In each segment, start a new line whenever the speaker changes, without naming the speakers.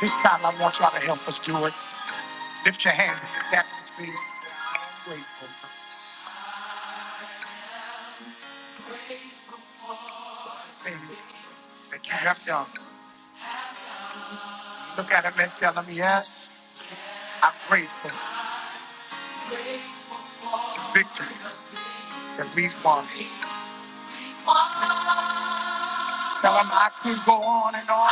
This time I want y'all to help us do it. Lift your hands in this atmosphere. say, I'm grateful for things that you have done. Look at him and tell him, yes, I'm grateful for the victory that we've won. Tell him I could go on and on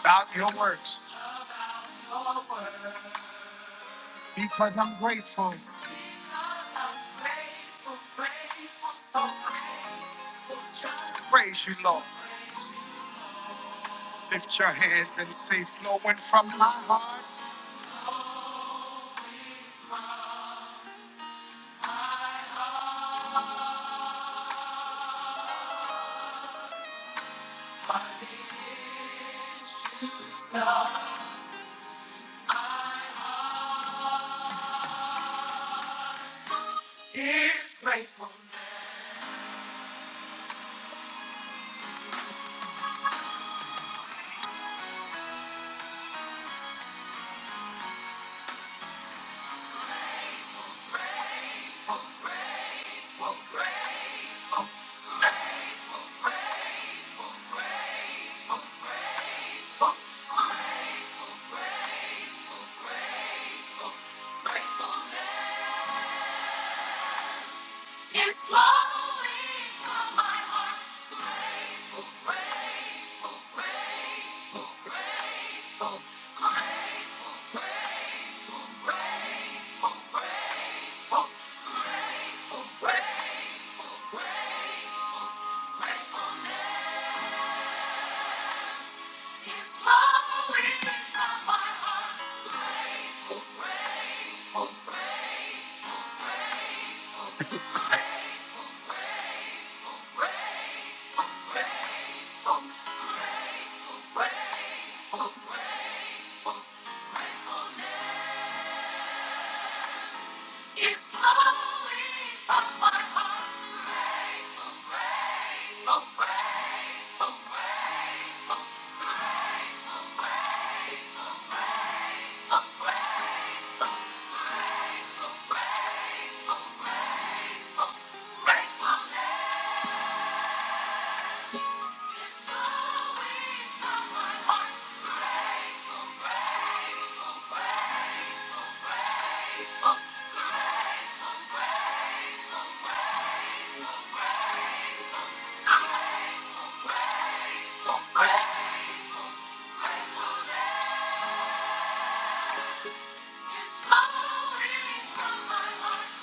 about your works because I'm grateful. Praise you, Lord. Lift your hands and say, flowing from my heart. It's grateful. Grateful, grateful, gratefulness is flowing from my heart. Grateful, grateful, grateful, grateful, grateful, grateful, grateful, grateful, gratefulness is flowing from my heart. Grateful, grateful, grateful, grateful, grateful, grateful. It's flowing from my heart. I'm grateful, It's flowing from my It's flowing from my heart.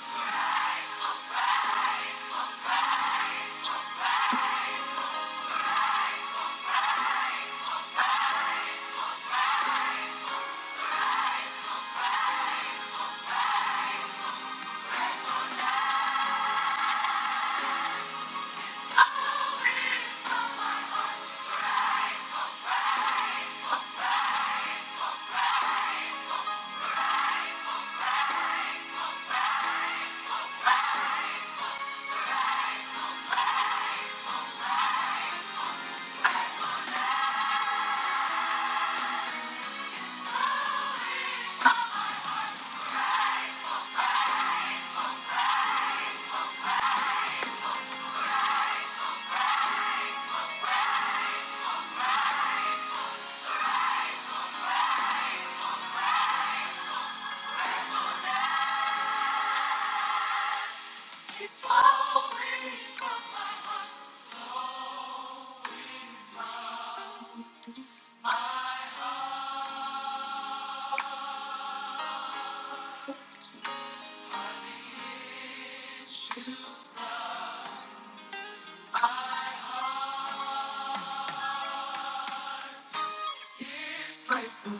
It's flowing from my heart. Shoes is grateful.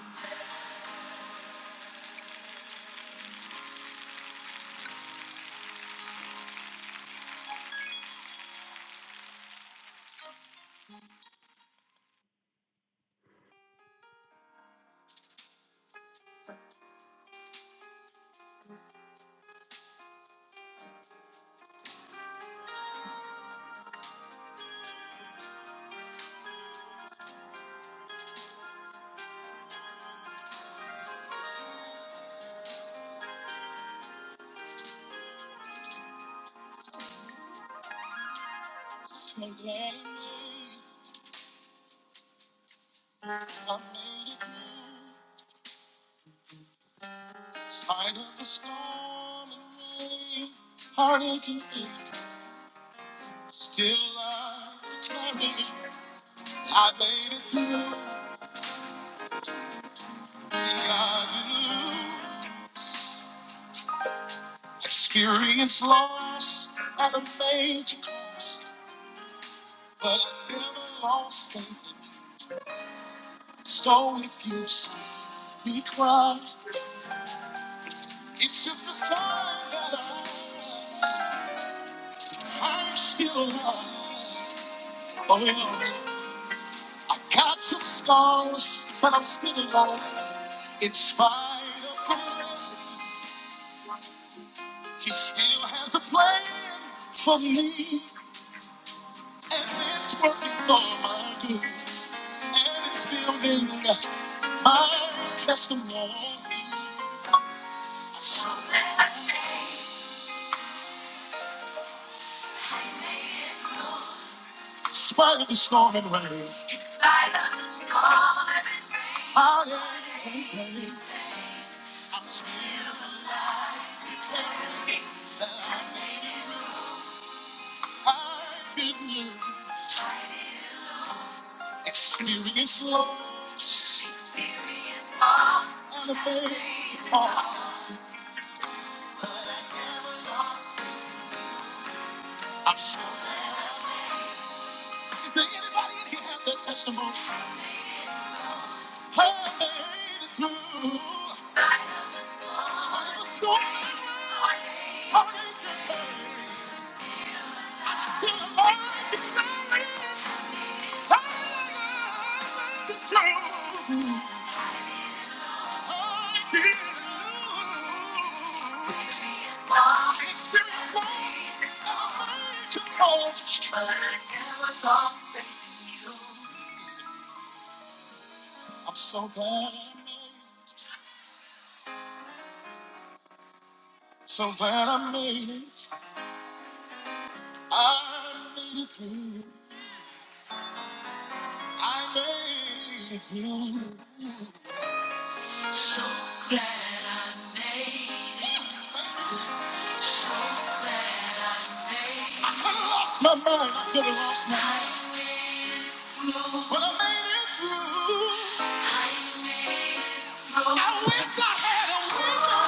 So glad I'm I made it through. In Spite of the storm and rain, heartache and fear. Still I declare it. I made it through. Experience loss at a major cost, but I never lost faith. So if you see me cry, it's just a sign that I, I'm still alive. Oh yeah, I got some scars, but I'm still alive. In spite of the mess, he still has a plan for me, and it's working for my good. And it's building my testimony. In spite of the storm and rain. In spite of the storm and rain. Hallelujah. I didn't lose. Experience loss and a faith. Oh, is there anybody in here have that testimony? I made it through. In spite of the storm and rain. Hallelujah. I'm still alive. It's not me. I'm so glad I made it. So glad I made it. I made it through. I made it through. I could have lost my mind. I could have lost my mind. But I made it through. I wish I had a winner.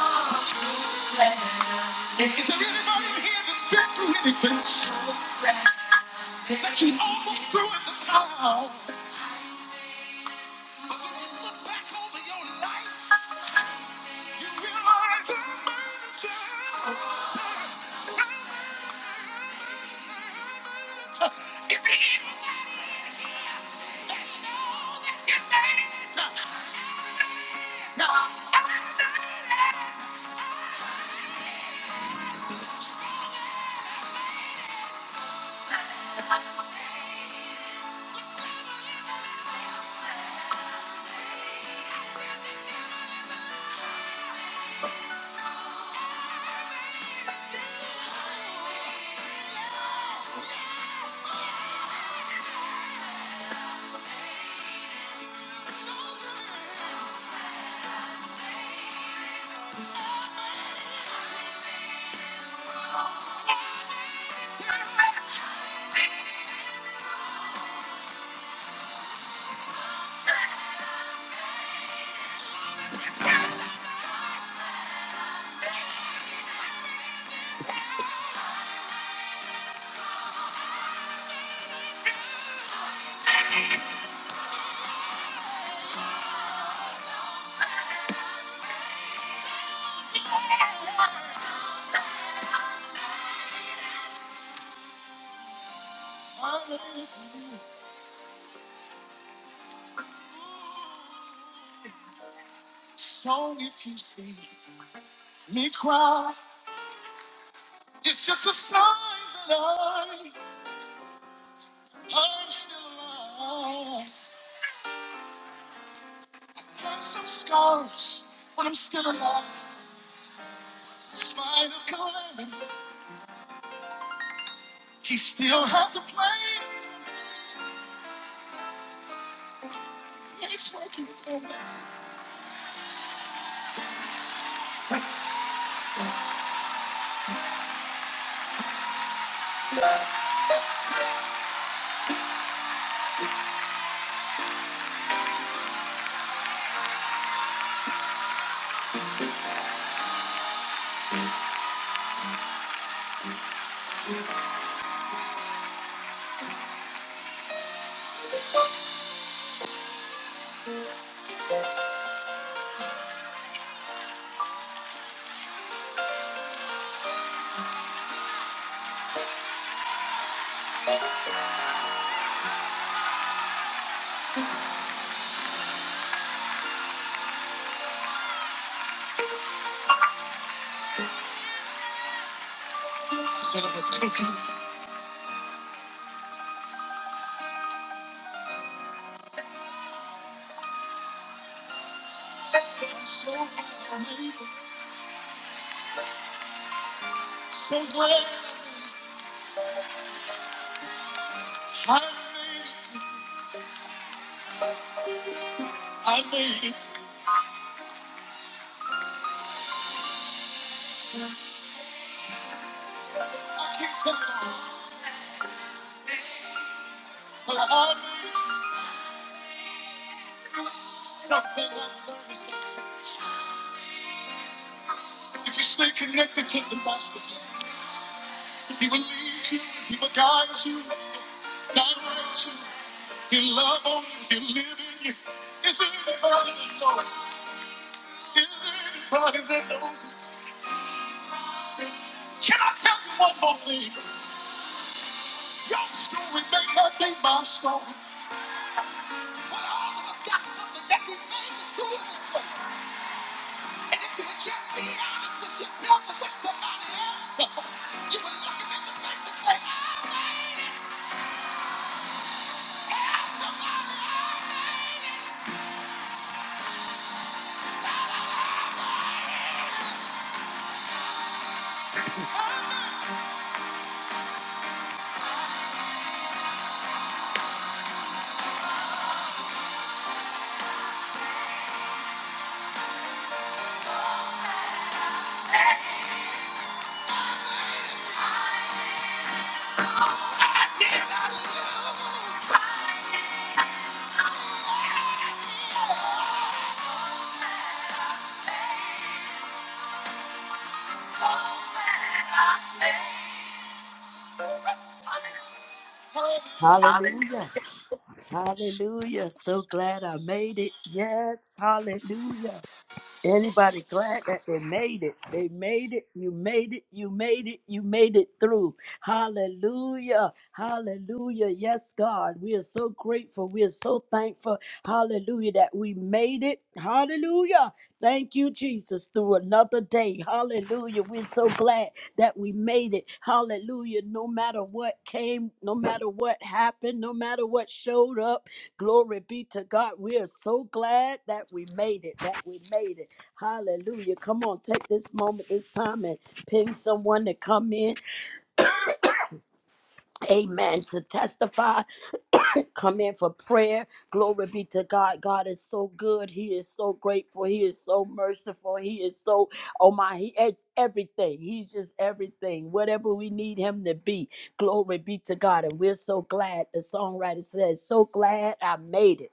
And Is there anybody in here that's been through anything? That you almost threw in the towel. But when you look back over your life, you realize I made a child. If there's anybody in here that knows that you made it, no, I made it. Hallelujah. Song if you sing. me cry. It's just a sign that I, I'm still alive. Got some scars, but I'm still alive. In spite of calamity, he still has a plan. He's working for me. I said I was cooking. So glad I made it. So glad I made it. I made it. I can't tell you, but I made it. One thing I learned is this. If you stay connected to the master, He will lead you, He will guide you, direct you. He'll love on you, He'll live in you. Is there anybody that knows? Is there anybody that knows it? Can I tell you one more thing? Your story may not be my story, but all of us got something that we made it through in this place. Be out with in the face and say, "I just have somebody I made it." Shout out, "I made it."
Hallelujah. Hallelujah. So glad I made it. Yes. Hallelujah. Anybody glad that they made it? They made it. You made it. You made it. You made it through. Hallelujah. Hallelujah. Yes, God. We are so grateful. We are so thankful. Hallelujah that we made it. Hallelujah. Thank you, Jesus, through another day. Hallelujah. We're so glad that we made it. Hallelujah. No matter what came, no matter what happened, no matter what showed up, glory be to God. We are so glad that we made it. That we made it. Hallelujah. Come on, take this moment, this time, and ping someone to come in. Amen. To testify, come in for prayer. Glory be to God. God is so good. He is so grateful. He is so merciful. He is so, oh my, he is everything. He's just everything. Whatever we need him to be. Glory be to God. And we're so glad. The songwriter says, So glad I made it.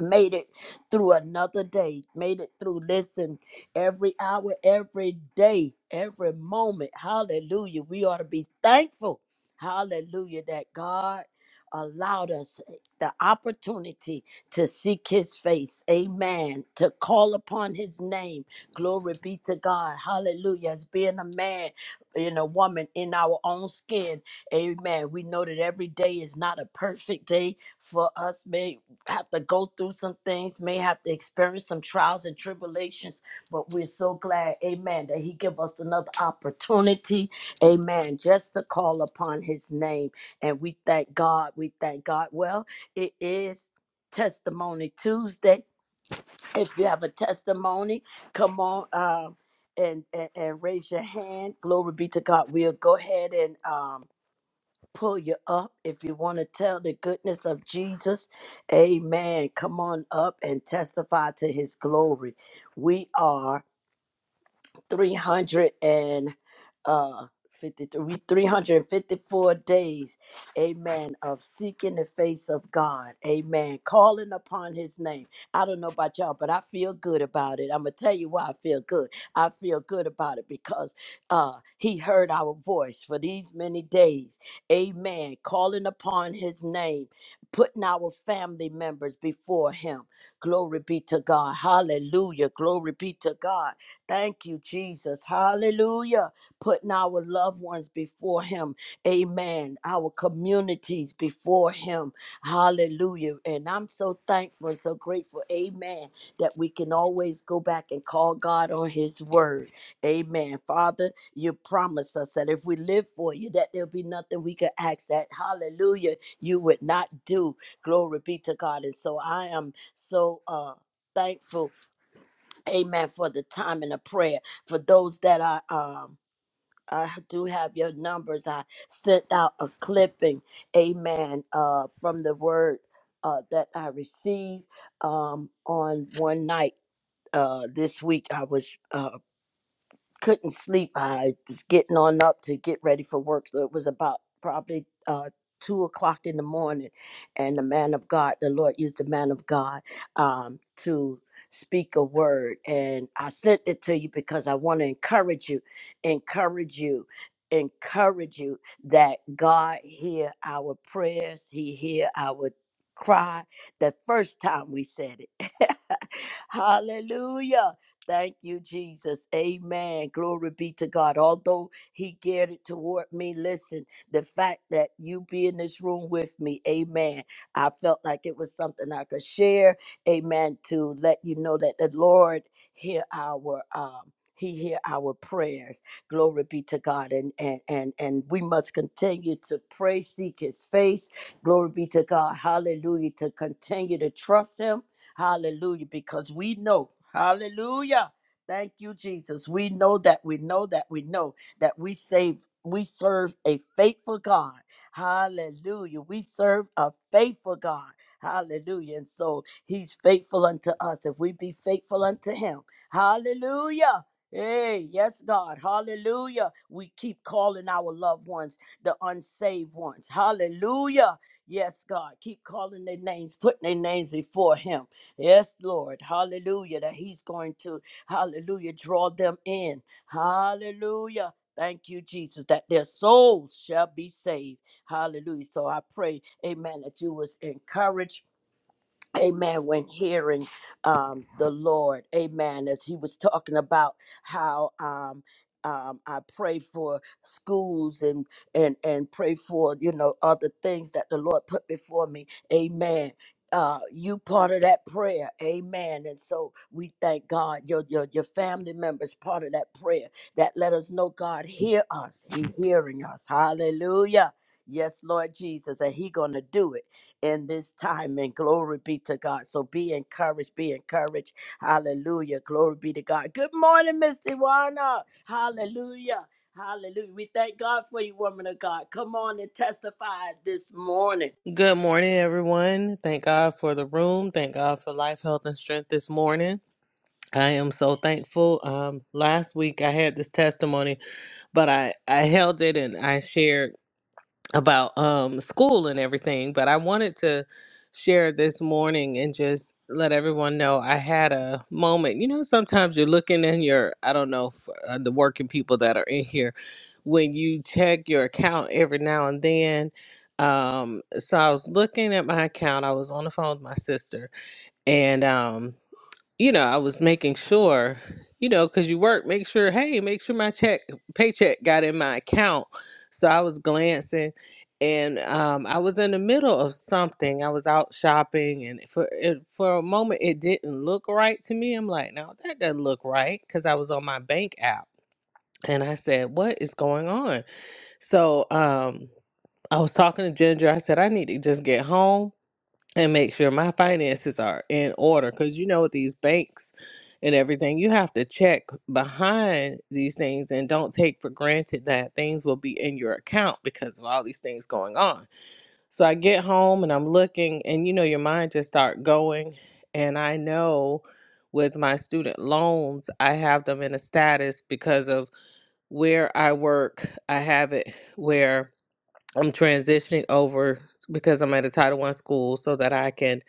made it through another day, made it through, listen, every hour, every day, every moment. Hallelujah. We ought to be thankful. Hallelujah. That God allowed us the opportunity to seek his face. Amen. To call upon his name. Glory be to God. Hallelujah. As being a man and a woman in our own skin. Amen. We know that every day is not a perfect day for us, man have to go through some things, may have to experience some trials and tribulations, but we're so glad, amen, that he give us another opportunity, amen, just to call upon his name. And we thank God, we thank God. Well, it is testimony Tuesday. If you have a testimony, come on um and, and, and raise your hand. Glory be to God. We'll go ahead and um pull you up if you want to tell the goodness of Jesus. Amen. Come on up and testify to his glory. We are. 353 354 days amen of seeking the face of god amen calling upon his name i don't know about y'all but i feel good about it i'm gonna tell you why i feel good i feel good about it because uh he heard our voice for these many days amen calling upon his name putting our family members before him glory be to god hallelujah glory be to god Thank you, Jesus. Hallelujah. Putting our loved ones before Him. Amen. Our communities before Him. Hallelujah. And I'm so thankful and so grateful. Amen. That we can always go back and call God on His word. Amen. Father, you promise us that if we live for you, that there'll be nothing we could ask that. Hallelujah. You would not do. Glory be to God. And so I am so uh thankful Amen. For the time and the prayer. For those that are. um I do have your numbers. I sent out a clipping, amen, uh from the word uh that I received um on one night uh this week. I was uh couldn't sleep. I was getting on up to get ready for work. So it was about probably uh, two o'clock in the morning. And the man of God, the Lord used the man of God um, to speak a word. And I sent it to you because I want to encourage you, encourage you. Encourage you that God hear our prayers, He hear our cry the first time we said it. Hallelujah. Thank you, Jesus. Amen. Glory be to God. Although he geared it toward me, listen, the fact that you be in this room with me, amen. I felt like it was something I could share, amen, to let you know that the Lord hear our um he hear our prayers. Glory be to God. And and and and we must continue to pray, seek his face. Glory be to God. Hallelujah. To continue to trust him Hallelujah. Because we know, hallelujah. Thank you, Jesus. We know that we know that we know that we save, we serve a faithful God. Hallelujah. We serve a faithful God. Hallelujah. And so he's faithful unto us if we be faithful unto him. Hallelujah. Hey, yes, God. Hallelujah. We keep calling our loved ones the unsaved ones. Hallelujah. Yes, God. Keep calling their names, putting their names before him. Yes, Lord. Hallelujah. That He's going to, hallelujah, draw them in. Hallelujah. Thank you, Jesus, that their souls shall be saved. Hallelujah. So I pray, amen, that you was encouraged Amen. When hearing um, the Lord, Amen. As he was talking about how um, um, I pray for schools and and and pray for you know other things that the Lord put before me, Amen. Uh, you part of that prayer, Amen. And so we thank God. Your your your family members part of that prayer that let us know God hear us. He hearing us. Hallelujah. Yes, Lord Jesus, and He gonna do it in this time. And glory be to God. So be encouraged. Be encouraged. Hallelujah. Glory be to God. Good morning, Miss Iwana. Hallelujah. Hallelujah. We thank God for you, woman of God. Come on and testify this morning.
Good morning, everyone. Thank God for the room. Thank God for life, health, and strength this morning. I am so thankful. Um, last week I had this testimony, but I, I held it and I shared about um school and everything but i wanted to share this morning and just let everyone know i had a moment you know sometimes you're looking in your i don't know f uh, the working people that are in here when you check your account every now and then um so i was looking at my account i was on the phone with my sister and um you know, I was making sure, you know, because you work, make sure, hey, make sure my check paycheck got in my account. So I was glancing, and um, I was in the middle of something. I was out shopping, and for it, for a moment, it didn't look right to me. I'm like, no, that doesn't look right, because I was on my bank app, and I said, what is going on? So um, I was talking to Ginger. I said, I need to just get home and make sure my finances are in order because you know with these banks and everything you have to check behind these things and don't take for granted that things will be in your account because of all these things going on so i get home and i'm looking and you know your mind just start going and i know with my student loans i have them in a status because of where i work i have it where I'm transitioning over because I'm at a Title One school so that I can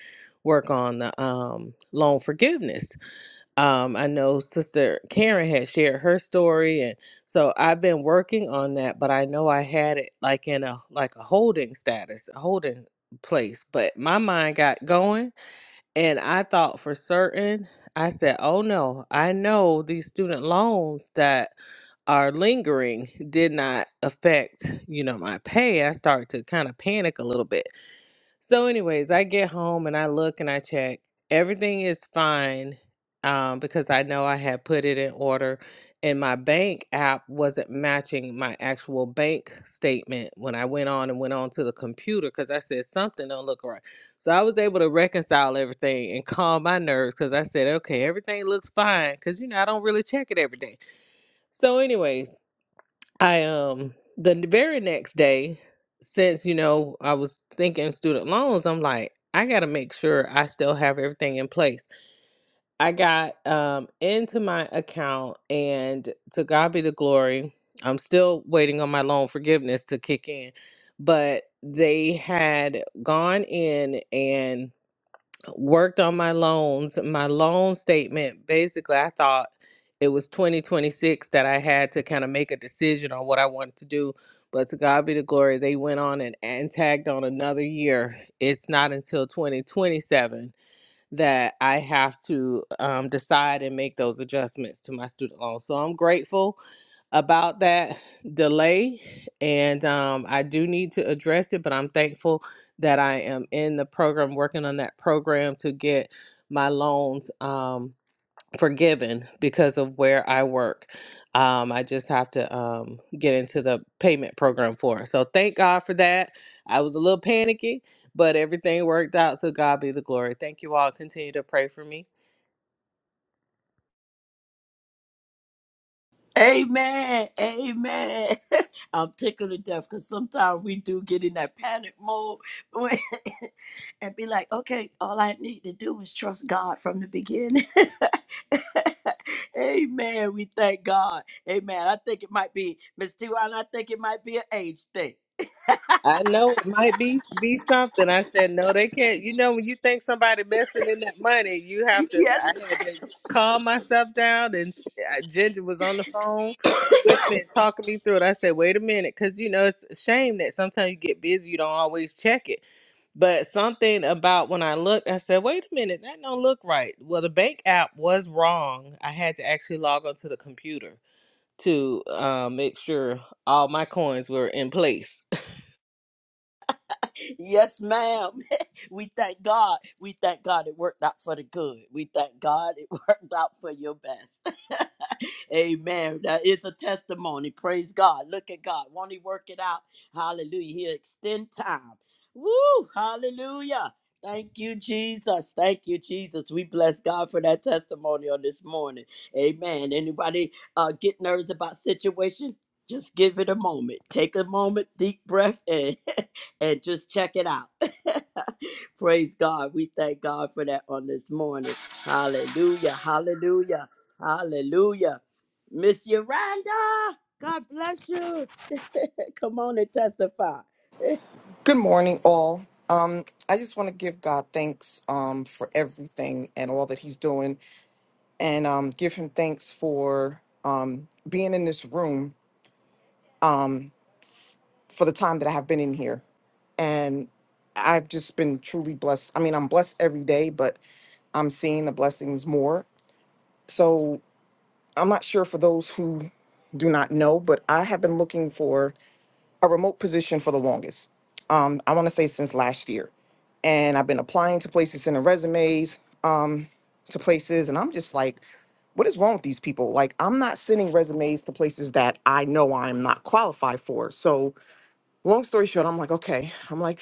work on the um, loan forgiveness. Um, I know Sister Karen had shared her story, and so I've been working on that. But I know I had it like in a like a holding status, a holding place. But my mind got going and I thought for certain, I said, oh no, I know these student loans that are lingering did not affect, you know, my pay. I started to kind of panic a little bit. So, anyways, I get home and I look and I check. Everything is fine um, because I know I had put it in order, and my bank app wasn't matching my actual bank statement when I went on and went on to the computer because I said something don't look right. So I was able to reconcile everything and calm my nerves because I said, okay, everything looks fine because you know I don't really check it every day. So, anyways, I um the very next day, since you know I was thinking student loans, I'm like, I gotta make sure I still have everything in place. I got um into my account, and to God be the glory. I'm still waiting on my loan forgiveness to kick in, but they had gone in and worked on my loans. My loan statement, basically, I thought it was 2026 that I had to kind of make a decision on what I wanted to do. But to God be the glory, they went on and, and tagged on another year. It's not until 2027 that I have to um, decide and make those adjustments to my student loan. So I'm grateful about that delay, and um, I do need to address it, but I'm thankful that I am in the program, working on that program to get my loans. Um, forgiven because of where I work. Um, I just have to um, get into the payment program for it. So thank God for that. I was a little panicky, but everything worked out. So God be the glory. Thank you all. Continue to pray for me.
Amen. Amen. I'm tickled to death because sometimes we do get in that panic mode when- and be like, okay, all I need to do is trust God from the beginning. Amen. We thank God. Amen. I think it might be, Miss Tiwan, I think it might be an age thing.
I know it might be be something. I said no, they can't. You know, when you think somebody messing in that money, you have to.
yes,
I had to calm myself down, and uh, Ginger was on the phone with me and talking me through it. I said, wait a minute, because you know it's a shame that sometimes you get busy, you don't always check it. But something about when I looked, I said, wait a minute, that don't look right. Well, the bank app was wrong. I had to actually log onto the computer to uh, make sure all my coins were in place
yes, ma'am. We thank God. We thank God it worked out for the good. We thank God it worked out for your best. Amen. That is a testimony. Praise God. Look at God. Won't He work it out? Hallelujah. He'll extend time. Woo! Hallelujah. Thank you, Jesus. Thank you, Jesus. We bless God for that testimony on this morning. Amen. Anybody uh, get nervous about situation? Just give it a moment. Take a moment, deep breath in. and just check it out. Praise God. We thank God for that on this morning. Hallelujah. Hallelujah. Hallelujah. Miss Yolanda, God bless you. Come on and testify.
Good morning, all. Um, I just want to give God thanks um, for everything and all that He's doing, and um, give Him thanks for um, being in this room um, for the time that I have been in here. And I've just been truly blessed. I mean, I'm blessed every day, but I'm seeing the blessings more. So I'm not sure for those who do not know, but I have been looking for a remote position for the longest. Um, I want to say since last year, and I've been applying to places, sending resumes um, to places, and I'm just like, what is wrong with these people? Like, I'm not sending resumes to places that I know I'm not qualified for. So, long story short, I'm like, okay, I'm like,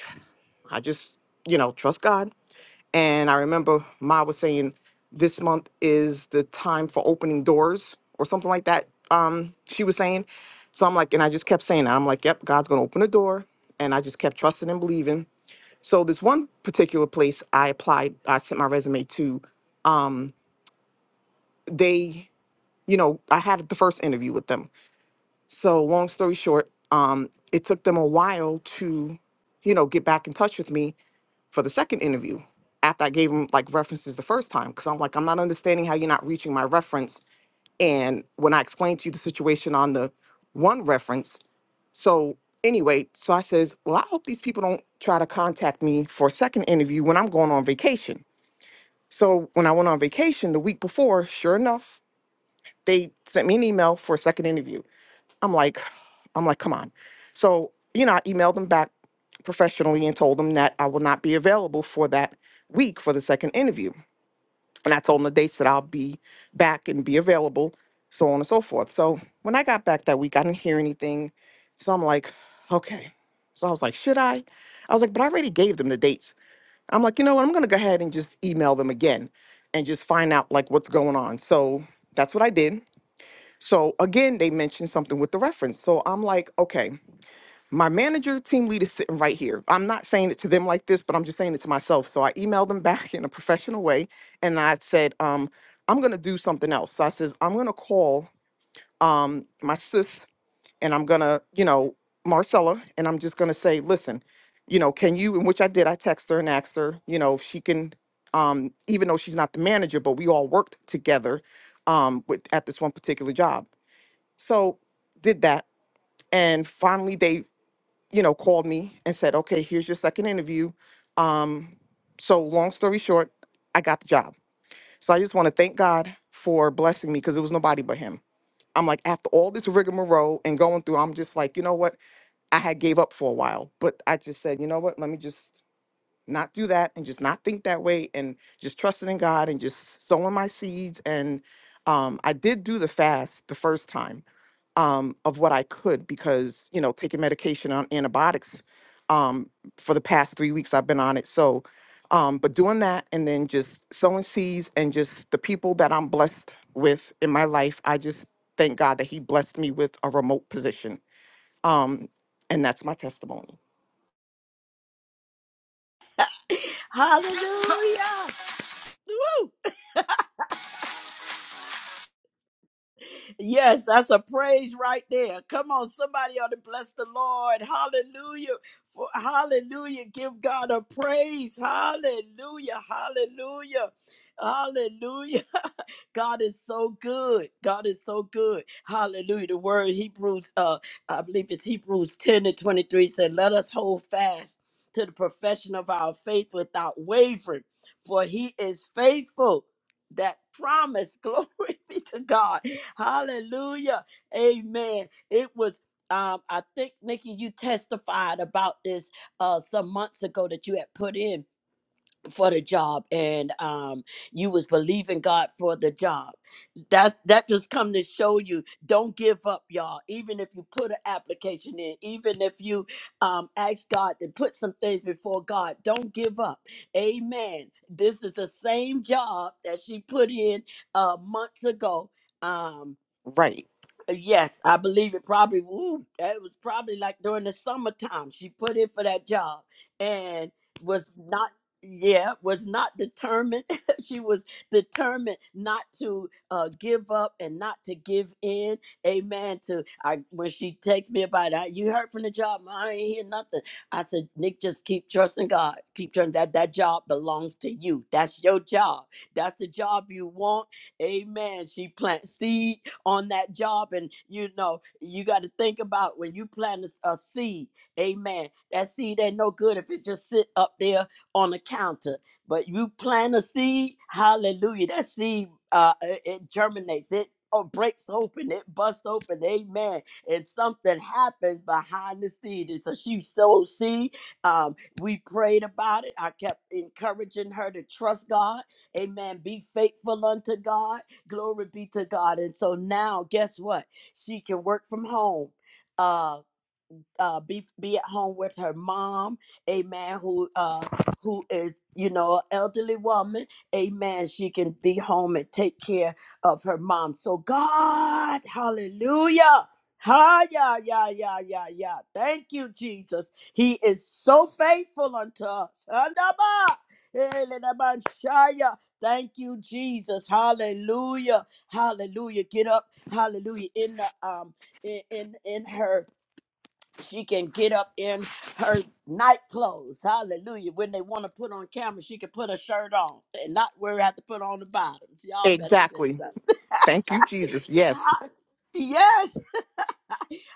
I just, you know, trust God and I remember Ma was saying this month is the time for opening doors or something like that. Um, she was saying. So I'm like, and I just kept saying that. I'm like, yep, God's gonna open the door. And I just kept trusting and believing. So this one particular place I applied, I sent my resume to, um, they, you know, I had the first interview with them. So long story short, um, it took them a while to, you know, get back in touch with me for the second interview after I gave him like references the first time because I'm like, I'm not understanding how you're not reaching my reference. And when I explained to you the situation on the one reference, so anyway, so I says, well, I hope these people don't try to contact me for a second interview when I'm going on vacation. So when I went on vacation the week before, sure enough, they sent me an email for a second interview. I'm like, I'm like, come on. So, you know, I emailed them back professionally and told them that I will not be available for that week for the second interview. And I told them the dates that I'll be back and be available, so on and so forth. So when I got back that week, I didn't hear anything. So I'm like, okay. So I was like, should I? I was like, but I already gave them the dates. I'm like, you know what? I'm gonna go ahead and just email them again and just find out like what's going on. So that's what I did. So again, they mentioned something with the reference. So I'm like, okay, my manager, team lead is sitting right here. I'm not saying it to them like this, but I'm just saying it to myself. So I emailed them back in a professional way and I said, um, I'm gonna do something else. So I says, I'm gonna call um my sis and I'm gonna, you know, Marcella, and I'm just gonna say, listen, you know, can you and which I did, I text her and asked her, you know, if she can um, even though she's not the manager, but we all worked together um with at this one particular job. So did that. And finally they, you know, called me and said, okay, here's your second interview. Um, so long story short, I got the job. So I just want to thank God for blessing me because it was nobody but him. I'm like, after all this rigmarole and going through, I'm just like, you know what? I had gave up for a while, but I just said, you know what? Let me just not do that and just not think that way and just trusting in God and just sowing my seeds. And um, I did do the fast the first time um, of what I could because, you know, taking medication on antibiotics um, for the past three weeks, I've been on it. So, um, but doing that and then just sowing seeds and just the people that I'm blessed with in my life, I just thank God that He blessed me with a remote position. Um, and that's my testimony.
Hallelujah. Woo. Yes, that's a praise right there. Come on, somebody ought to bless the Lord. Hallelujah. For hallelujah. Give God a praise. Hallelujah. Hallelujah. Hallelujah. God is so good. God is so good. Hallelujah. The word Hebrews, uh, I believe it's Hebrews 10 and 23 said, Let us hold fast to the profession of our faith without wavering, for he is faithful. That promise, glory be to God. Hallelujah. Amen. It was um, I think Nikki, you testified about this uh some months ago that you had put in for the job and um you was believing God for the job. That that just come to show you don't give up, y'all. Even if you put an application in, even if you um ask God to put some things before God, don't give up. Amen. This is the same job that she put in uh months ago. Um
Right.
uh, Yes, I believe it probably Ooh, that was probably like during the summertime she put in for that job and was not yeah, was not determined. she was determined not to uh give up and not to give in. Amen. To I when she texts me about it, I, you heard from the job, I ain't hear nothing. I said, Nick, just keep trusting God. Keep trusting that that job belongs to you. That's your job. That's the job you want. Amen. She plants seed on that job. And you know, you got to think about when you plant a a seed, amen. That seed ain't no good if it just sit up there on the counter. But you plant a seed, hallelujah. That seed uh it, it germinates, it or breaks open, it busts open, amen. And something happens behind the seed. It's a she sow seed. Um, we prayed about it. I kept encouraging her to trust God. Amen. Be faithful unto God. Glory be to God. And so now, guess what? She can work from home. Um, uh, be be at home with her mom, amen, who uh, who is you know an elderly woman, amen. She can be home and take care of her mom. So God, hallelujah. Ha yeah yeah yeah yeah yeah. Thank you, Jesus. He is so faithful unto us. Handaba, elenabanshaya. Thank you, Jesus. Hallelujah. Hallelujah. Get up. Hallelujah. In the um in in, in her she can get up in her night clothes. Hallelujah. When they want to put on camera, she can put a shirt on and not worry have to put on the bottoms. Y'all better say
Exactly.
something.
Thank you, Jesus. Yes.
Yes,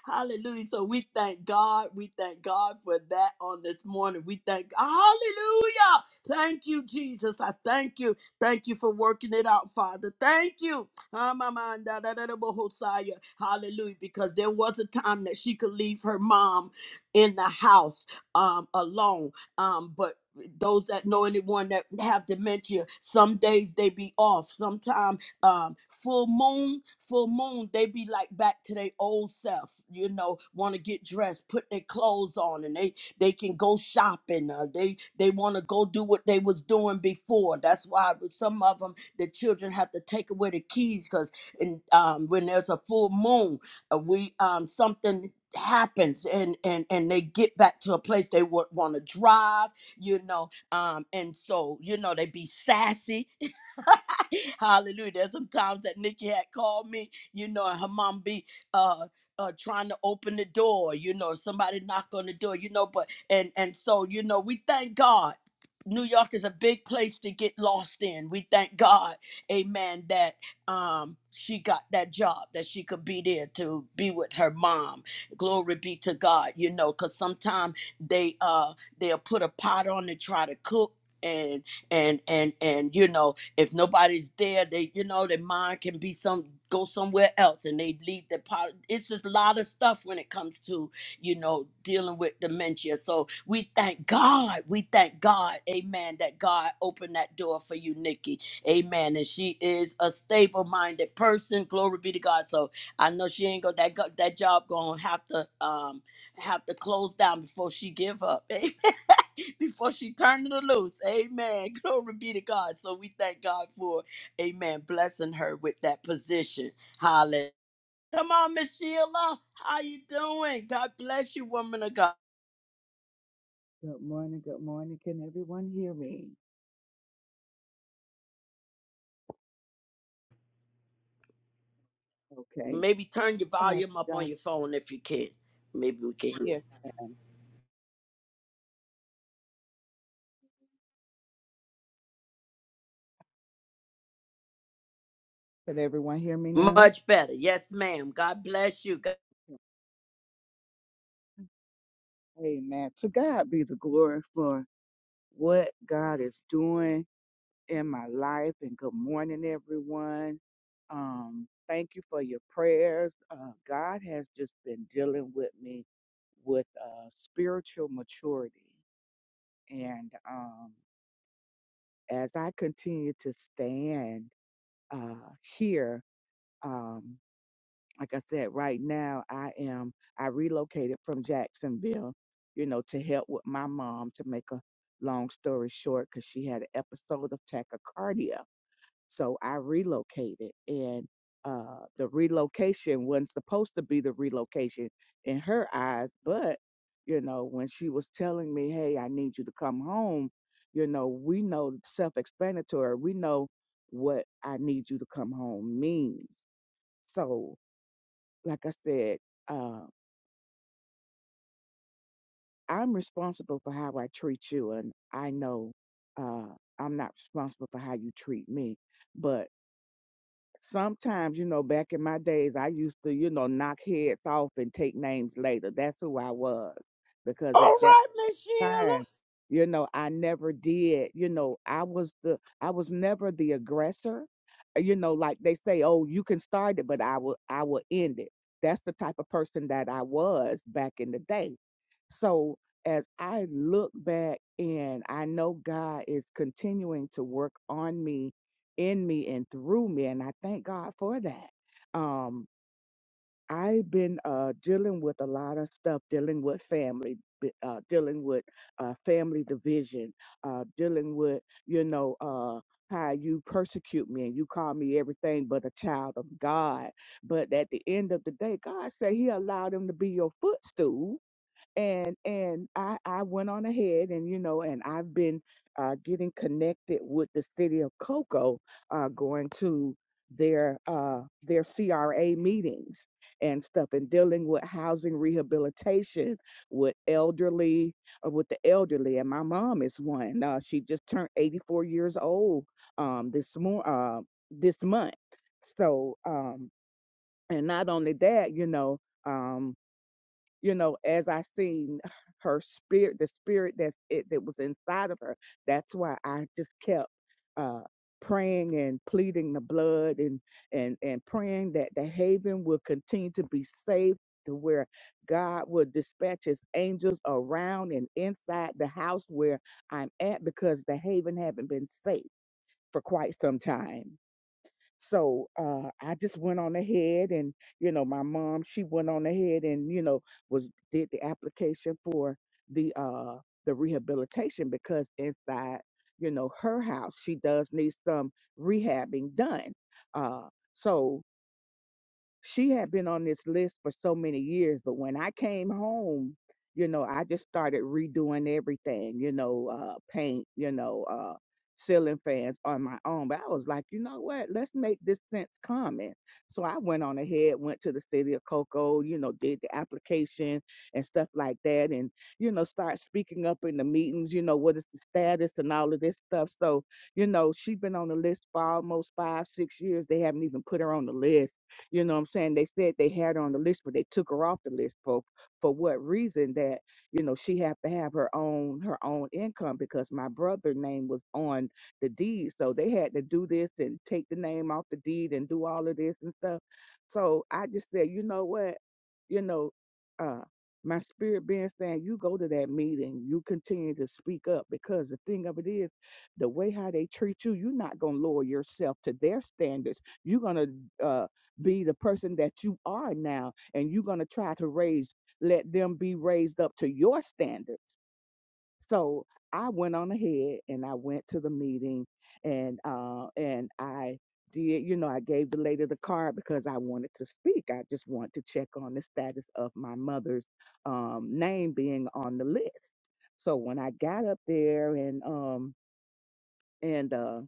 Hallelujah. So we thank God. We thank God for that on this morning. We thank Hallelujah. Thank you, Jesus. I thank you. Thank you for working it out, Father. Thank you. Ah, my mind, da, da, da, da, bohosaya. Hallelujah. Because there was a time that she could leave her mom in the house um, alone. Um, but those that know anyone that have dementia, some days they be off. Sometimes um full moon full moon they be like back to their old self you know want to get dressed put their clothes on and they they can go shopping uh, they they want to go do what they was doing before that's why with some of them the children have to take away the keys because in um when there's a full moon uh, we um something happens and and and they get back to a place they want to drive you know um and so you know they be sassy Hallelujah. There's some times that Nikki had called me, you know, and her mom be uh uh, trying to open the door, you know, somebody knock on the door, you know, but and and so you know, we thank God. New York is a big place to get lost in. We thank God, Amen, that um she got that job, that she could be there to be with her mom. Glory be to God, you know, because sometimes they uh they'll put a pot on to try to cook and and and and you know if nobody's there, they you know their mind can be some go somewhere else, and they leave the part. It's just a lot of stuff when it comes to you know dealing with dementia. So we thank God. We thank God. Amen. That God opened that door for you, Nikki. Amen. And she is a stable-minded person. Glory be to God. So I know she ain't got that go- that job gonna have to um have to close down before she give up. before she turned it loose. Amen. Glory be to God. So we thank God for, amen, blessing her with that position. Hallelujah. Come on, Miss Sheila. How you doing? God bless you, woman of God.
Good morning, good morning. Can everyone hear me? Okay.
Maybe turn your
Uh,
volume
to
up
God,
on your phone if you can. Maybe we can hear
yes, ma'am. Can everyone hear me
you.
now?
Much better. Yes, ma'am. God bless you. God-
Amen. To God be the glory for what God is doing in my life. And good morning, everyone. Um, thank you for your prayers. Uh, God has just been dealing with me with uh, spiritual maturity. And um, as I continue to stand uh, here, um, like I said, right now I am I relocated from Jacksonville, you know, to help with my mom. To make a long story short, because she had an episode of tachycardia, so I relocated, and uh, the relocation wasn't supposed to be the relocation in her eyes, but you know, when she was telling me, "Hey, I need you to come home," you know, we know self-explanatory. We know what I need you to come home means. So like I said, uh, I'm responsible for how I treat you, and I know uh, I'm not responsible for how you treat me. But sometimes, you know, back in my days, I used to, you know, knock heads off and take names later. That's who I was because
All
at that
right, Miss Sheila.
time. You know, I never did. You know, I was the I was never the aggressor. Uh, You know, like they say, oh, you can start it, but I will I will end it. That's the type of person that I was back in the day. So as I look back and I know God is continuing to work on me, in me and through me, and I thank God for that. Um, I've been uh, dealing with a lot of stuff, dealing with family, b- uh, dealing with uh, family division, uh, dealing with, you know, uh, how you persecute me and you call me everything but a child of God. But at the end of the day, God said He allowed him to be your footstool and and I I went on ahead and you know and I've been uh, getting connected with the city of Cocoa, uh, going to their uh, their CRA meetings and stuff, and dealing with housing rehabilitation with elderly uh, with the elderly. And my mom is one. Uh, she just turned 84 years old um, this more uh, this month. So um, and not only that, you know. Um, you know, as I seen her spirit, the spirit that's it that was inside of her. That's why I just kept uh praying and pleading the blood and and and praying that the haven will continue to be safe to where God will dispatch his angels around and inside the house where I'm at because the haven haven't been safe for quite some time. So uh, I just went on ahead, and you know, my mom she went on ahead and you know was did the application for the uh the rehabilitation because inside you know her house she does need some rehabbing done. Uh, so she had been on this list for so many years but when i came home you know i just started redoing everything you know uh paint you know uh ceiling fans on my own but i was like you know what let's make this sense common so i went on ahead went to the city of cocoa you know did the application and stuff like that and you know start speaking up in the meetings you know what is the status and all of this stuff so you know she's been on the list for almost five six years they haven't even put her on the list you know what I'm saying? They said they had her on the list, but they took her off the list for for what reason that, you know, she have to have her own her own income because my brother' name was on the deed. So they had to do this and take the name off the deed and do all of this and stuff. So I just said, you know what? You know, uh my spirit being saying you go to that meeting, you continue to speak up because the thing of it is the way how they treat you, you're not gonna lower yourself to their standards. You're gonna uh, be the person that you are now and you're going to try to raise let them be raised up to your standards so i went on ahead and i went to the meeting and uh and i did you know i gave the lady the card because i wanted to speak i just wanted to check on the status of my mother's um name being on the list so when i got up there and um and uh,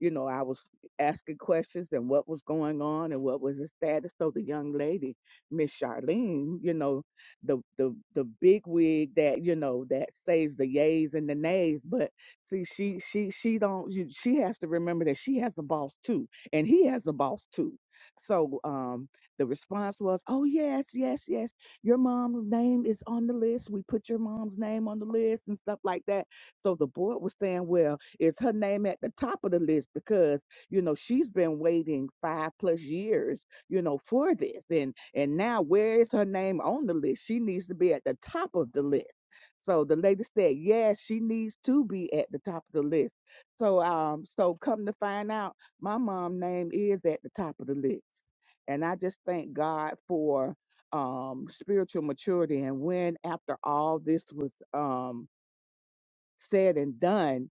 you know, I was asking questions and what was going on and what was the status. So the young lady, Miss Charlene, you know, the the the big wig that you know that saves the yays and the nays, but see, she she she don't you, she has to remember that she has a boss too, and he has a boss too. So um, the response was, "Oh yes, yes, yes. Your mom's name is on the list. We put your mom's name on the list and stuff like that." So the board was saying, "Well." Is her name at the top of the list because you know she's been waiting five plus years, you know, for this, and and now where is her name on the list? She needs to be at the top of the list. So the lady said, yes, she needs to be at the top of the list. So um, so come to find out, my mom name is at the top of the list, and I just thank God for um spiritual maturity and when after all this was um said and done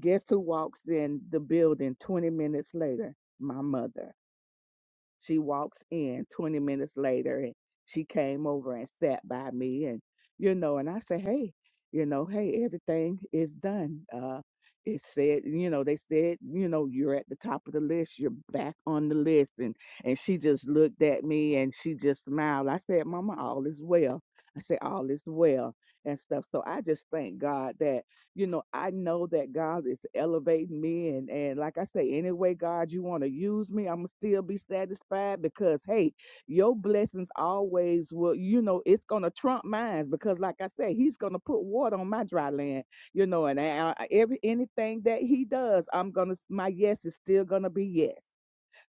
Guess who walks in the building 20 minutes later? My mother. She walks in 20 minutes later and she came over and sat by me and you know and I say, "Hey, you know, hey, everything is done. Uh it said, you know, they said, you know, you're at the top of the list. You're back on the list." And and she just looked at me and she just smiled. I said, "Mama, all is well." I said, "All is well." And stuff. So I just thank God that you know, I know that God is elevating me. And, and like I say, anyway, God, you want to use me, I'm going to still be satisfied because, hey, your blessings always will, you know, it's going to trump mine because, like I say, he's going to put water on my dry land, you know, and I, I- every anything that he does, I'm going to, my yes is still going to be yes.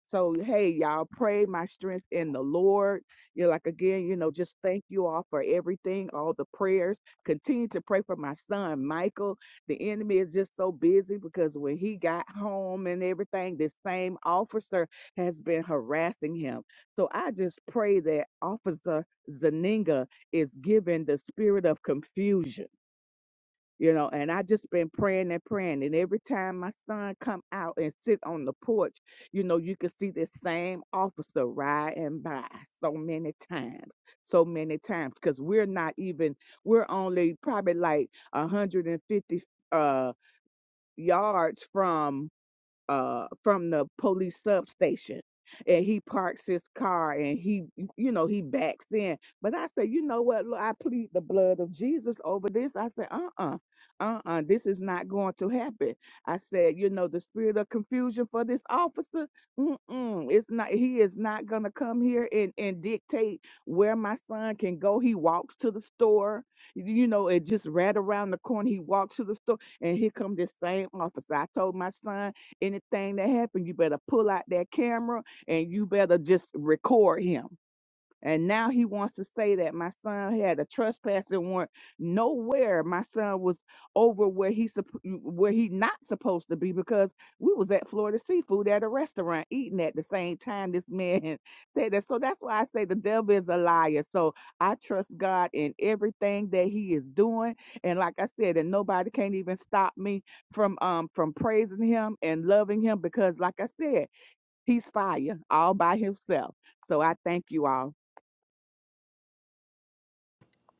So, hey, y'all, pray my strength in the Lord. You know, like again, you know, just thank you all for everything, all the prayers. Continue to pray for my son, Michael. The enemy is just so busy because when he got home and everything, this same officer has been harassing him. So I just pray that Officer Zaninga is given the spirit of confusion you know and i just been praying and praying and every time my son come out and sit on the porch you know you could see this same officer riding by so many times so many times because we're not even we're only probably like 150 uh yards from uh from the police substation and he parks his car and he you know he backs in but i say, you know what Lord, i plead the blood of jesus over this i said uh-uh uh-uh this is not going to happen i said you know the spirit of confusion for this officer mm-mm, it's not he is not gonna come here and and dictate where my son can go he walks to the store you know it just right around the corner he walks to the store and here come this same officer i told my son Anything that happens, you better pull out that camera and you better just record him. And now he wants to say that my son had a trespassing warrant. Nowhere my son was over where he supp- where he not supposed to be because we was at Florida Seafood at a restaurant eating at the same time this man said that. So that's why I say the devil is a liar. So I trust God in everything that he is doing. And like I said, and nobody can't even stop me from um from praising him and loving him because like I said, he's fire all by himself. So I thank you all.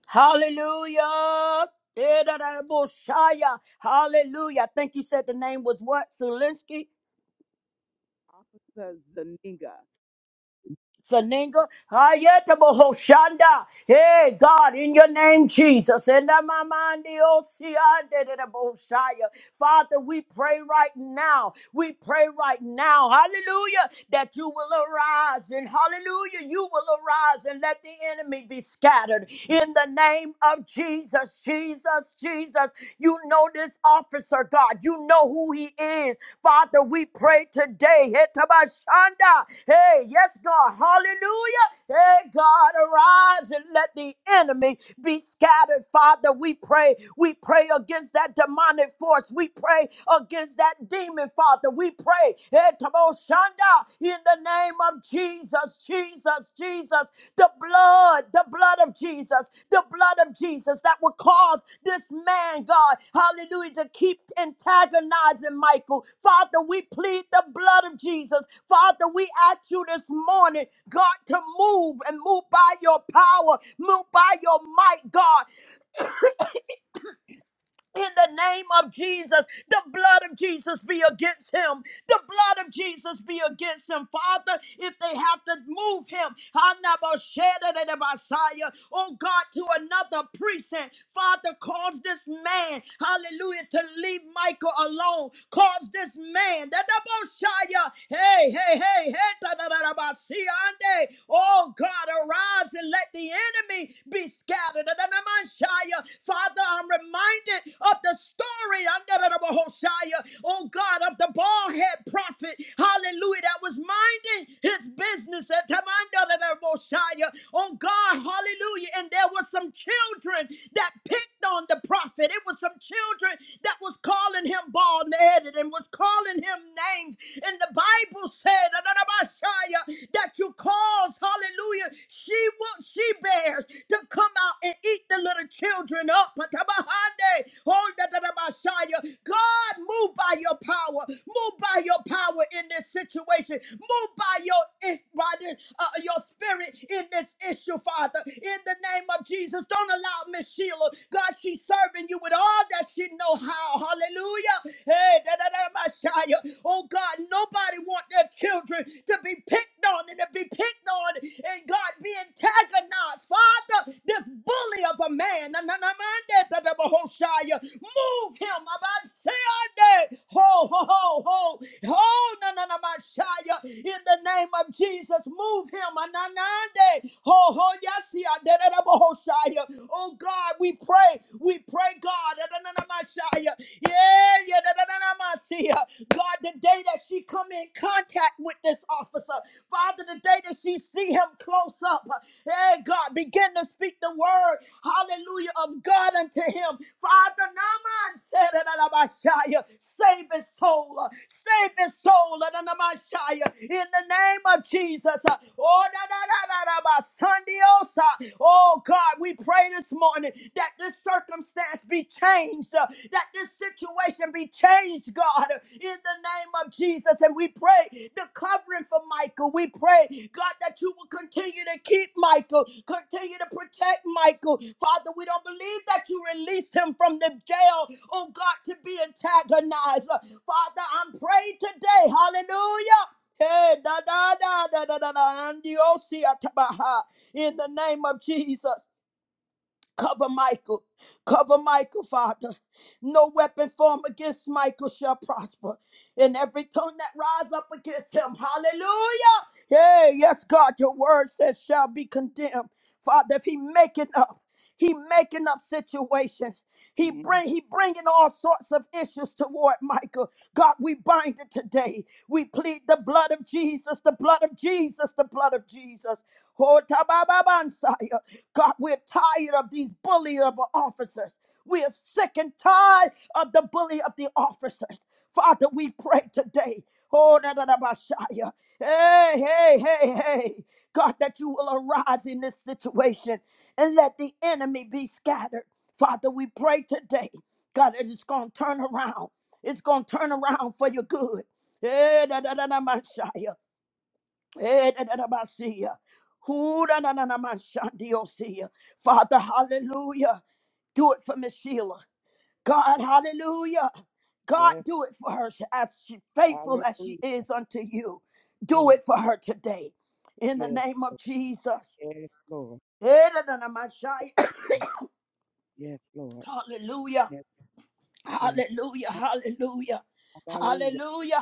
Hallelujah. Eh, da, da, da, Bushaya. Hallelujah. I think you said the name was what? Solinsky?
Officer Zuniga.
Saninga, Hayetaboho Shanda. Hey, God, in your name, Jesus. In the Mamandi Osia, Father, we pray right now. We pray right now. Hallelujah. That you will arise and hallelujah. You will arise and let the enemy be scattered. In the name of Jesus, Jesus, Jesus. You know this officer, God. You know who he is. Father, we pray today. Hetabashanda. Hey, yes, God. Hallelujah Hey, God, arise and let the enemy be scattered. Father, we pray. We pray against that demonic force. We pray against that demon, Father. We pray. Hey, Tamo Shanda, In the name of Jesus, Jesus, Jesus, the blood, the blood blood of Jesus, the blood of Jesus that would cause this man, God, hallelujah, to keep antagonizing Michael. Father, we plead the blood of Jesus. Father, we ask you this morning, God, to move and move by your power, move by your might, God in the name of Jesus. The blood of Jesus be against him. The blood of Jesus be against him. Father, if they have to move him, Hanabashedadadabasaya, oh God, to another precinct, Father, cause this man, hallelujah, to leave Michael alone. Cause this man, Dadabashaya, hey, hey, hey, hey, dadadadabasiande. oh God, arise and let the enemy enemy be scattered. Adonamashaya. Father, I'm reminded of the story, Adonamahoshaya, oh God, of the bald head prophet, hallelujah, that was minding his business at Adonamahoshaya, oh God, hallelujah. And there was some children that picked on the prophet. It was some children that was calling him bald headed and was calling him names. And the Bible said, that you cause, hallelujah, she will, she bears to come out and eat the little children up. Patabahande, oh, da, da, da, Messiah. God, move by your power, move by your power in this situation, move by your eh, by the, uh, your spirit in this issue, Father. In the name of Jesus, don't allow Miss Sheila, God, she's serving you with all that she know how. Hallelujah. Hey, Oh God, nobody want their children to be picked on and to be picked on and God be antagonized. Father, this bully of a man, move him. Ho, ho, ho, ho. Ho, na, na, na, Messiah. In the name of Jesus, move him. Ananande. Ho, ho, yasi, aderebo, Hoshaya. Oh God, we pray. We pray, God, yeah, yeah, God, the day that she come in contact with this officer, Father, the day that she see him close up, hey, God, begin to speak the word, hallelujah, of God unto him. Father, Naaman said, save his soul, uh, save his soul, Adonai-Messiah, in the name of Jesus. uh, Oh, Sandiosa. Oh God, we pray this morning that this circumstance be changed, uh, that this situation be changed, God, uh, in the name of Jesus. And we pray the covering for Michael. We pray, God, that you will continue to keep Michael, continue to protect Michael. Father, we don't believe that you release him from the jail, oh God, to be antagonized. Uh, Father, I'm praying today, hallelujah. Hey, da da da da da da da, and the O C at Baha. In the name of Jesus, cover Michael. Cover Michael, Father. No weapon formed against Michael shall prosper. And every tongue that rise up against him, hallelujah. Yeah, yes, God, your word says shall be condemned. Father, if he make it up. He making up situations. He
Mhm.
bring he bringing all sorts of issues toward Michael. God, we bind it today. We plead the blood of Jesus, the blood of Jesus, the blood of Jesus. Oh, tabababansaya. God, we're tired of these bully of officers. We are sick and tired of the bully of the officers. Father, we pray today. Oh, da, da, da, bashaya. hey, hey, hey, hey. God, that you will arise in this situation and let the enemy be scattered. Father, we pray today, God, that it's going to turn around. It's going to turn around for your good. Eh, da, da, da, da, Messiah. Eh, da, da, da, Messiah. Who, da, da, da, da, Messiah, Diosiah. Father, hallelujah. Do it for Miss Sheila. God, hallelujah. God,
Yes.
do it for her as she, faithful as she
Hallelujah.
is unto you. Do
Yes.
it for her today. In the
Yes.
name of Jesus.
Lord.
Eh da da da
Yes,
Messiah.
Lord. Yes, Lord.
Hallelujah.
Yes. Yes.
Hallelujah. Hallelujah.
Hallelujah.
Hallelujah.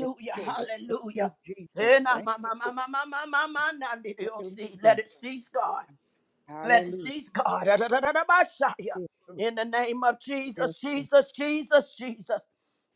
Yes, Lord. Thank you,
Hallelujah.
Jesus.
Eh, na,
Thank
ma,
you.
ma, ma,
Lord.
ma, ma, ma, ma, ma, na, di, di, oh, see. Let
Hallelujah.
it cease, God. Let it
Hallelujah.
cease, God. Ra, ra, ra, ra, ra, ba, sha, ya.
Yes, Lord.
In the name of
Yes,
Jesus,
Lord.
Jesus, Jesus, Jesus.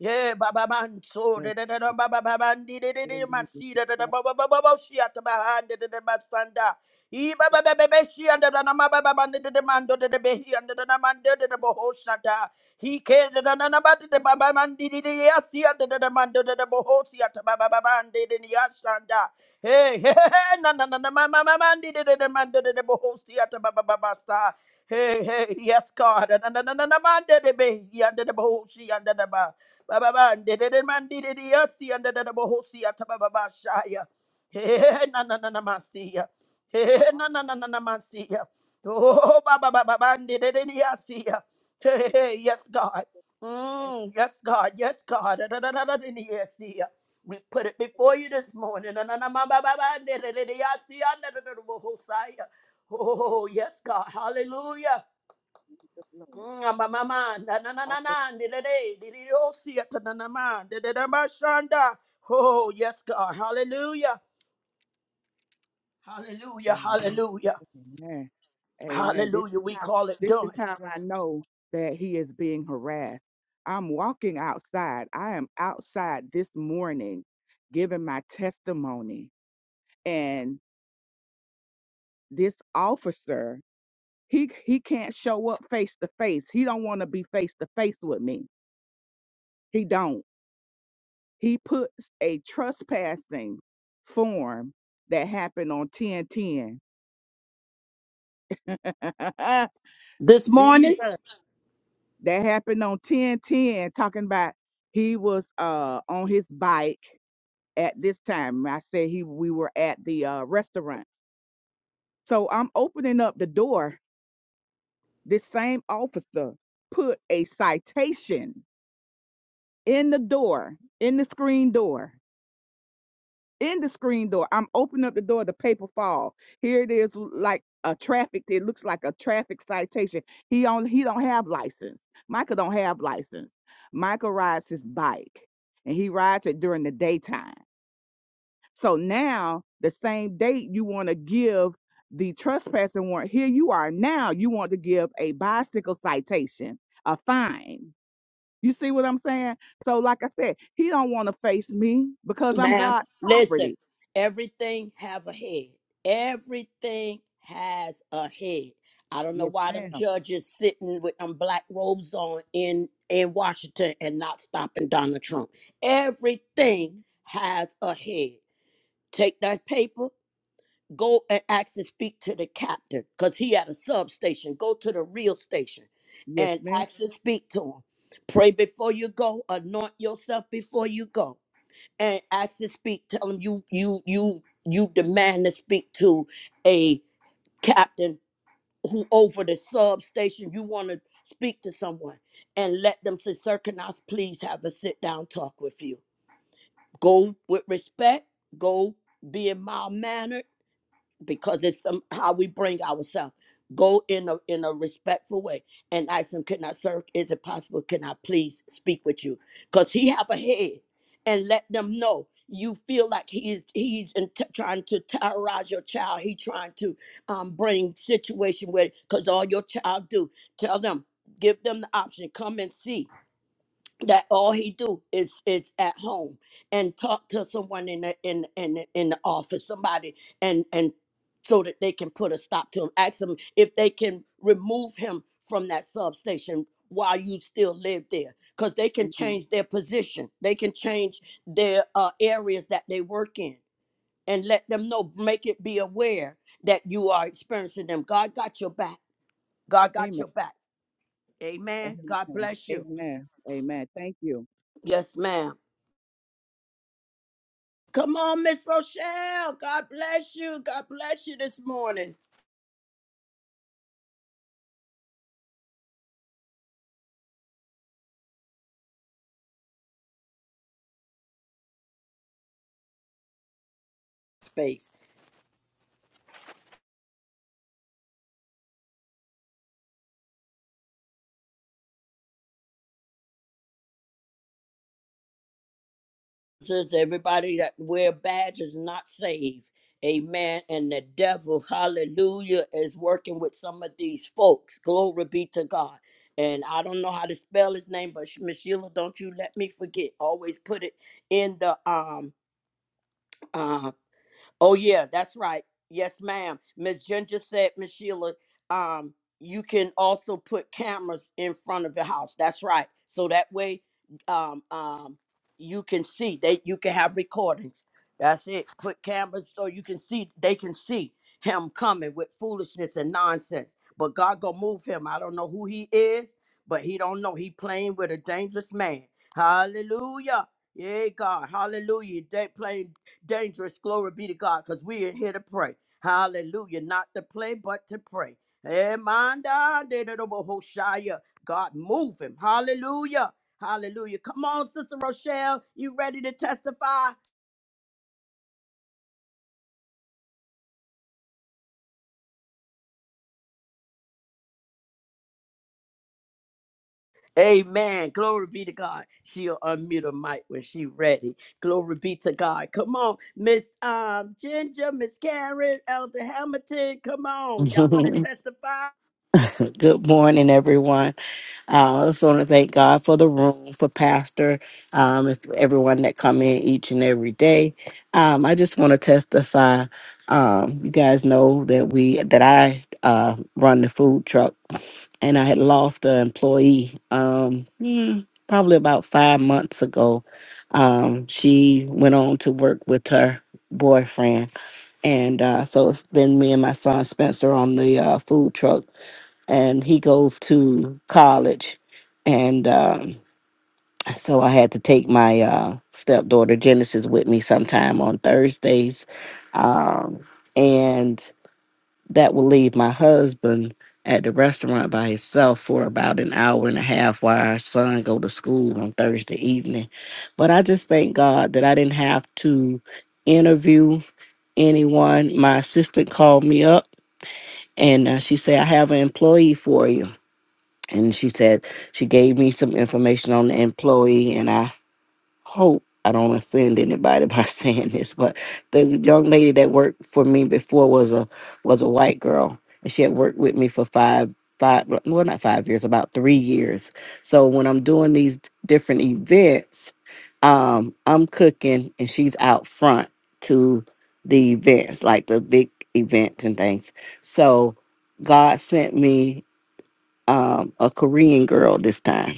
Yeah, Baba Man, so
Yes,
da da da da
Lord.
Baba Baba di di di di
Hallelujah.
Masi
The
da da da
blood.
Baba Baba Baba she at behind da da da Masanda. E Baba Baba Baba she and da da da Baba Baba da da da Man da da da Behi and da da da Man da da da Bohosata. He came da da da da Baba da Baba Man di di di Yasi and da da da Man da da da Bohosi at Baba Baba Man di di di Yasanda. Hey, hey, hey, na na na na Mama Mama Man di di di di Man da da da Bohosi at Baba Baba Sa. Hey, hey, yes, God. Na- na- na- na- na- man, de- de- be. Yanda the boho, she yanda the ba. Ba- ba- ba, de- de- de- man, de- de- de, yes, yanda de the boho, she at ba- ba- ba, shaya. Hey, hey, hey, na- na- na- na- man, see ya. Hey, hey, hey, na- na- na- na- na- man, see ya. Oh, ba- ba- ba- ba- ba, de- de- de, de- yes, see ya. Hey, hey, hey, yes, God. Mm, yes, God. Yes, God. Da- da- da- da- da- de- Yes, see ya. We put it before you this morning. Na- na- na- ma- ba- ba- ba, de- de- de, de- yes, see ya. Na- na- boho, shaya. Oh, yes, God. Hallelujah. Mm, ma, ma, ma, na, na, na, na, na, di, di, di, di, di, di, oh, see it, na, na, ma, di, di, di, ma, shanda. Oh, yes, God. Hallelujah. Hallelujah.
Hallelujah.
Hallelujah.
Amen. Amen. This
Hallelujah.
is
We
how
call it
this
done.
is how I know that he is being harassed. I'm walking outside. I am outside this morning giving my testimony. And this officer, he he can't show up face to face. He don't want to be face to face with me. He don't. He puts a trespassing form that happened on 1010.
This morning,
Jesus. That happened on 1010, talking about he was uh on his bike at this time. I said he we were at the uh restaurant. So I'm opening up the door. This same officer put a citation in the door, in the screen door. in the screen door. I'm opening up the door, the paper fall. Here it is like a traffic, it looks like a traffic citation. He on he don't have license. Michael don't have license. Michael rides his bike and he rides it during the daytime. So now the same date you want to give the trespassing warrant. Here you are now. You want to give a bicycle citation, a fine. You see what I'm saying? So like I said, he don't want to face me because I'm
Ma'am,
God's
listen,
property.
everything have a head. Everything has a head. I don't know
Yes,
why them
ma'am.
judges sitting with them black robes on in in Washington and not stopping Donald Trump. Everything
Mhm.
has a head. Take that paper, go and ask and speak to the captain, because he at a substation. Go to the real station
Yes,
and
ma'am.
ask and speak to him. Pray before you go, anoint yourself before you go and ask to speak. Tell him you you you you demand to speak to a captain who over the substation. You want to speak to someone and let them say, "Sir, can I please have a sit down talk with you?" Go with respect. Go being mild mannered because it's some, how we bring ourselves. Go in a in a respectful way and ask him, "Can I serve? Is it possible? Can I please speak with you?" Because he have a head, and let them know you feel like he is he's in t- trying to terrorize your child. He trying to um, bring situation where because all your child do tell them give them the option come and see that all he do is is at home and talk to someone in the in in the- in the office, somebody, and and so that they can put a stop to him. Ask him if they can remove him from that substation while you still live there, because they can
Mhm.
change their position, they can change their uh, areas that they work in, and let them know, make it be aware that you are experiencing them. God got your back. God got
Amen.
your back. Amen.
Amen.
God bless you.
Amen. Amen. Thank you.
Yes, ma'am. Come on, Miss Rochelle. God bless you. God bless you this morning. Space. Says everybody that wear badge is not saved. Amen. And the devil, hallelujah, is working with some of these folks. Glory be to God. And I don't know how to spell his name, but Miss Sheila, don't you let me forget. Always put it in the um um Oh yeah, that's right. Yes, ma'am. Miss Ginger said, Miss Sheila, um, you can also put cameras in front of your house. That's right. So that way, um, um, you can see they you can have recordings. That's it. Put cameras so you can see they can see him coming with foolishness and nonsense. But God gonna move him. I don't know who he is, but he don't know. He playing with a dangerous man. Hallelujah. Yeah, God. Hallelujah. They playing dangerous. Glory be to God, because we are here to pray. Hallelujah. Not to play, but to pray. Emanda de de de bohoshaya. God, move him. Hallelujah. Hallelujah. Come on, Sister Rochelle. You ready to testify? Amen. Glory be to God. She'll unmute her mic when she's ready. Glory be to God. Come on, Miss um, Ginger, Miss Karen, Elder Hamilton. Come on. Y'all want
Good
to testify?
morning, everyone. Uh, I just want to thank God for the room, for Pastor, um, and for everyone that come in each and every day. Um, I just want to testify. Um, you guys know that we that I uh, run the food truck, and I had lost an employee um, hmm, probably about five months ago. Um, she went on to work with her boyfriend, and uh, so it's been me and my son Spencer on the uh, food truck and he goes to college. And um, so I had to take my uh, stepdaughter Genesis with me sometime on Thursdays. Um, and that will leave my husband at the restaurant by himself for about an hour and a half while our son go to school on Thursday evening. But I just thank God that I didn't have to interview anyone. My assistant called me up and uh, she said, I have an employee for you and she said she gave me some information on the employee and i hope i don't offend anybody by saying this but the young lady that worked for me before was a was a white girl and she had worked with me for five five well not five years about three years so when i'm doing these different events um i'm cooking and she's out front to the events like the big events and things so god sent me um, a Korean girl this time.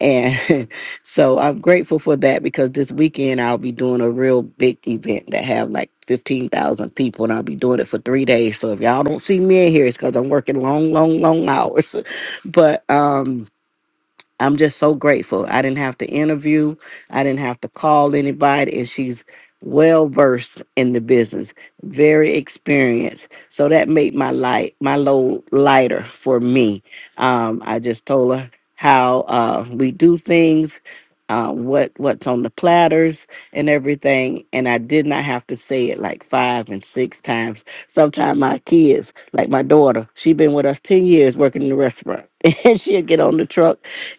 And so I'm grateful for that because this weekend I'll be doing a real big event that have like 15,000 people and I'll be doing it for three days. So if y'all don't see me in here, it's because I'm working long, long, long hours. But, um, I'm just so grateful. I didn't have to interview, I didn't have to call anybody, and she's well versed in the business, very experienced. So that made my light, my load lighter for me. Um, I just told her how uh, we do things. Uh, what what's on the platters and everything, and I did not have to say it like five and six times. Sometimes my kids, like my daughter, she been with us ten years working in the restaurant, and she'll get on the truck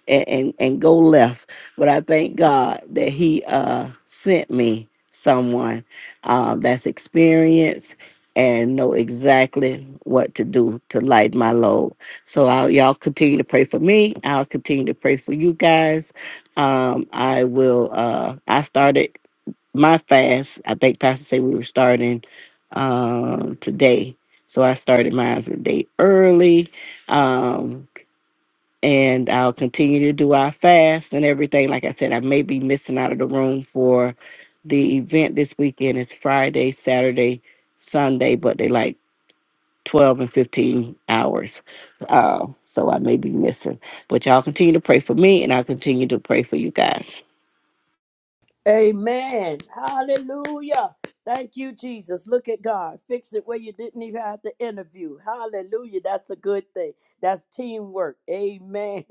and, and, and go left. But I thank God that He uh, sent me someone uh, that's experienced and know exactly what to do to light my load. So I'll, y'all continue to pray for me. I'll continue to pray for you guys. Um, I will. Uh, I started my fast. I think Pastor said we were starting um, today. So I started mine a day early. Um, and I'll continue to do our fast and everything. Like I said, I may be missing out of the room for the event this weekend. It's Friday, Saturday, Sunday, but they like 12 and 15 hours. Uh, so I may be missing. But y'all continue to pray for me and I'll continue to pray for you guys.
Amen. Hallelujah. Thank you, Jesus. Look at God. Fixed it where you didn't even have to interview. Hallelujah. That's a good thing. That's teamwork. Amen.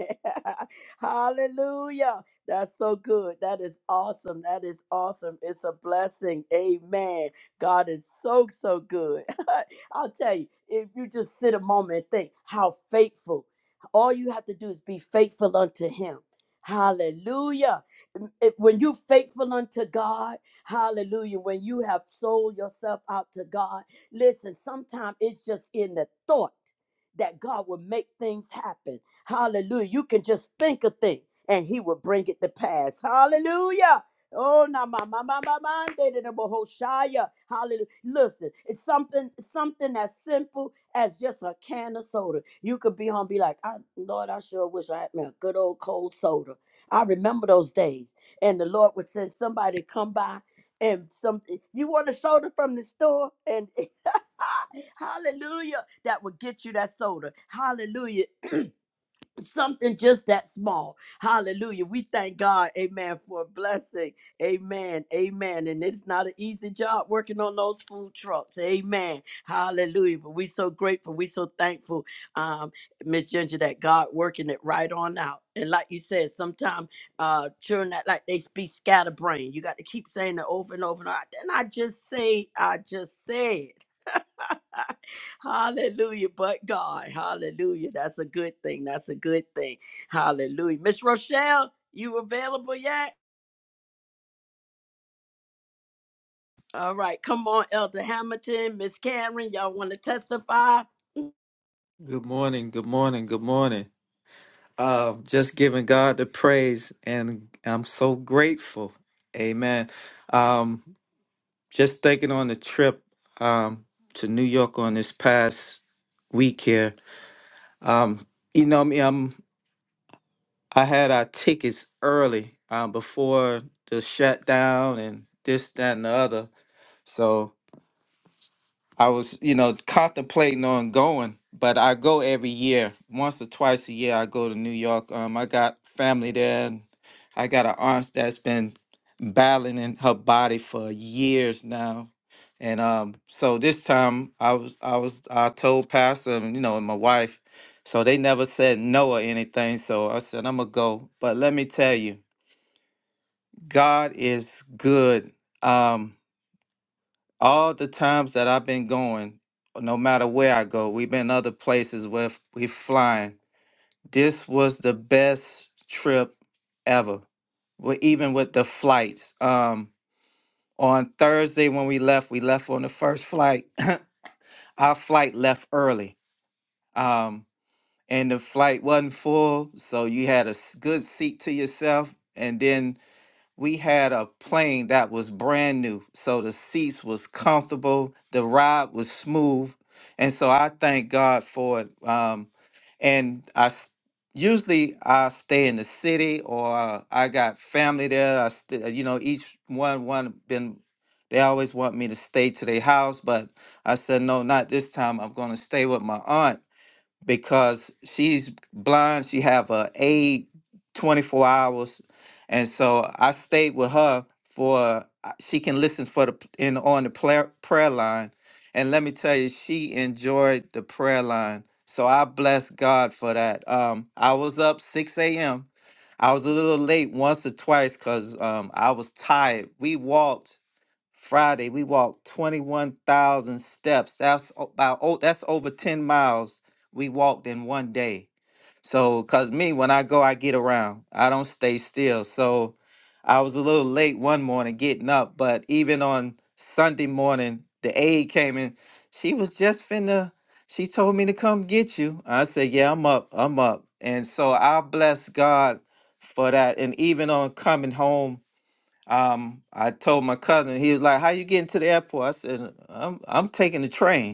Hallelujah. That's so good. That is awesome. That is awesome. It's a blessing. Amen. God is so, so good. I'll tell you, if you just sit a moment and think how faithful, all you have to do is be faithful unto Him. Hallelujah if- when you're faithful unto God, hallelujah, when you have sold yourself out to God, listen, sometimes it's just in the thought that God will make things happen. Hallelujah. You can just think a thing and he will bring it to pass. Hallelujah. Oh, na ma ma ma ma ma de de de bo ho shaya. Hallelujah. Listen, it's something something as simple as just a can of soda. You could be home, be like, I, Lord, I sure wish I had me a good old cold soda. I remember those days. And the Lord would send somebody to come by and some you want a soda from the store and hallelujah that would get you that soda. Hallelujah something just that small. Hallelujah. We thank God, amen, for a blessing. Amen. Amen. And it's not an easy job working on those food trucks. Amen. Hallelujah. But we're so grateful. We're so thankful, um, Miss Ginger, that God working it right on out. And like you said, sometimes uh children that like they be scatterbrained. You got to keep saying it over and over and over. Then I just say, I just said. Hallelujah. But God. Hallelujah. That's a good thing. That's a good thing. Hallelujah. Miss Rochelle, you available yet? All right. Come on, Elder Hamilton, Miss Karen. Y'all want to testify?
Good morning, good morning, good morning. Uh, just giving God the praise, and I'm so grateful. Amen. Um, just thinking on the trip um, to New York on this past week here. Um, you know me, I'm I had our tickets early um, before the shutdown and this, that, and the other. So I was, you know, contemplating on going, but I go every year, once or twice a year. I go to New York. Um, I got family there, and I got an aunt that's been battling in her body for years now, and um, so this time I was, I was, I told Pastor, and, you know, and my wife, so they never said no or anything. So I said I'm gonna go, but let me tell you, God is good. Um, all the times that I've been going, no matter where I go, we've been other places where f- we flying. This was the best trip ever. Well, even with the flights. Um, on Thursday when we left, we left on the first flight. Our flight left early. Um, and the flight wasn't full, so you had a s- good seat to yourself. And then we had a plane that was brand new so the seats was comfortable the ride was smooth and so i thank god for it um, and i s- usually i stay in the city or i got family there i st- you know each one one been they always want me to stay to their house but i said no not this time i'm going to stay with my aunt because she's blind. She have a aid 24 hours, and so I stayed with her for uh, she can listen for the p- in on the prayer prayer line, and let me tell you, she enjoyed the prayer line. So I bless God for that. Um, I was up 6 a.m. I was a little late once or twice because um, I was tired. We walked Friday, we walked 21,000 steps. That's o- about oh, that's over 10 miles we walked in one day. So, cause me, when I go, I get around. I don't stay still. So, I was a little late one morning getting up, but even on Sunday morning, the aide came in. She was just finna. She told me to come get you. I said, "Yeah, I'm up. I'm up." And so I bless God for that. And even on coming home um, I told my cousin, he was like, "How you getting to the airport?" I said, "I'm I'm taking the train."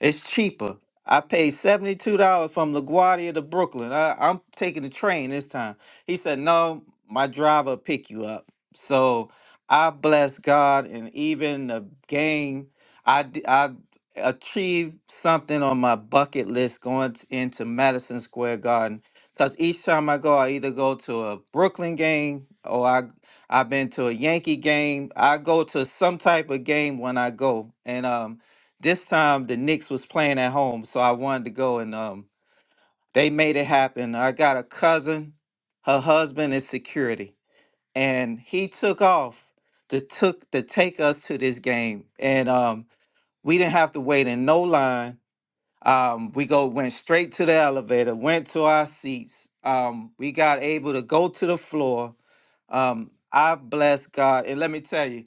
It's cheaper. I paid $72 from LaGuardia to Brooklyn. I, I'm taking the train this time. He said, No, my driver will pick you up. So I bless God, and even the game, I, d- I achieved something on my bucket list going t- into Madison Square Garden. Because each time I go, I either go to a Brooklyn game or I, I've been to a Yankee game. I go to some type of game when I go. And, um, this time the Knicks was playing at home, so I wanted to go and um they made it happen. I got a cousin, her husband is security, and he took off to took to take us to this game. And um we didn't have to wait in no line. Um we go went straight to the elevator, went to our seats. Um we got able to go to the floor. Um I bless God. And let me tell you,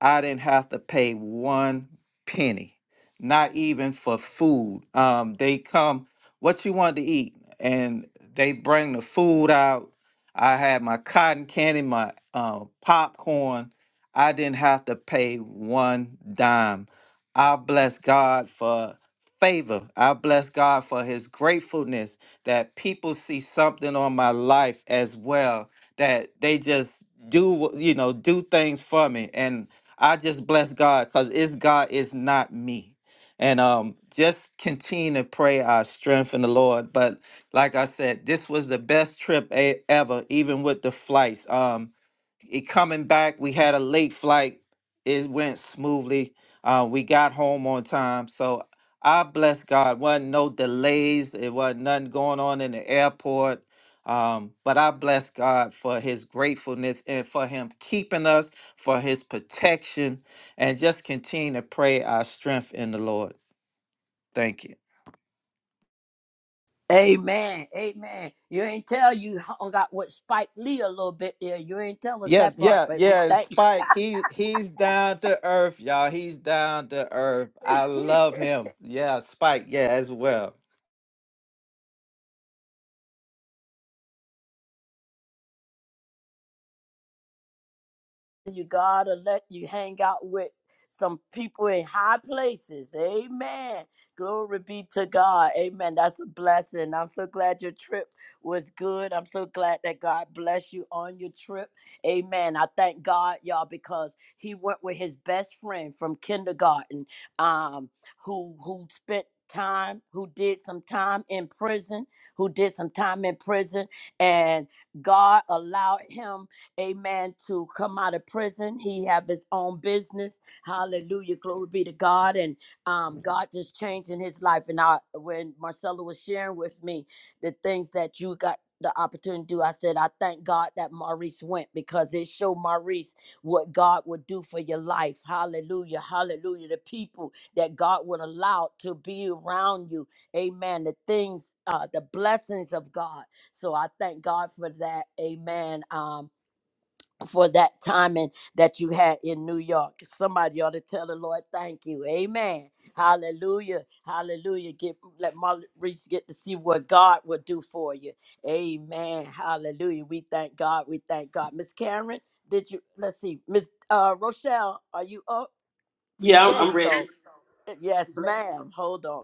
I didn't have to pay one penny, not even for food. Um, they come, what you want to eat, and they bring the food out. I had my cotton candy, my uh, popcorn. I didn't have to pay one dime. I bless God for favor. I bless God for his gratefulness that people see something on my life as well, that they just do, what- you know, do things for me. And I just bless God because it's God it's not me. And um, just continue to pray our strength in the Lord. But like I said, this was the best trip e- ever, even with the flights. Um, it coming back. We had a late flight. It went smoothly. Uh, we got home on time. So I bless God. wasn't no delays. It wasn't nothing going on in the airport. Um, but I bless God for His gratefulness and for Him keeping us, for His protection, and just continue to pray our strength in the Lord. Thank you.
Amen. Amen. You ain't tell you hung out with Spike Lee a little bit there. You ain't tell us
Yes,
that part,
yeah,
but we
yeah.
thank
Spike, he he's down to earth, y'all. He's down to earth. I
you.
love him. Yeah, Spike, yeah, as well.
you gotta let you hang out with some people in high places. Amen. Glory be to God. Amen. That's a blessing. I'm so glad your trip was good. I'm so glad that God bless you on your trip. Amen. I thank God, y'all, because he went with his best friend from kindergarten, um, who who spent time, who did some time in prison, who did some time in prison, and God allowed him amen, to come out of prison. He have his own business. Hallelujah. Glory be to God. And um, God just changing his life. And I, when Marcella was sharing with me the things that you got the opportunity to do, I said, I thank God that Maurice went because it showed Maurice what God would do for your life. Hallelujah. Hallelujah. The people that God would allow to be around you. Amen. The things, uh, the blessings of God. So I thank God for that. Amen. Um, for that timing that you had in New York. Somebody ought to tell the Lord, thank you. Amen. Hallelujah. Hallelujah. Get let Maurice get to see what God will do for you. Amen. Hallelujah. We thank God. We thank God. Miss Karen, did you let's see. Miss uh Rochelle, are you up?
Yeah, I'm,
There
I'm
you
ready.
go. Yes, ma'am. Hold on.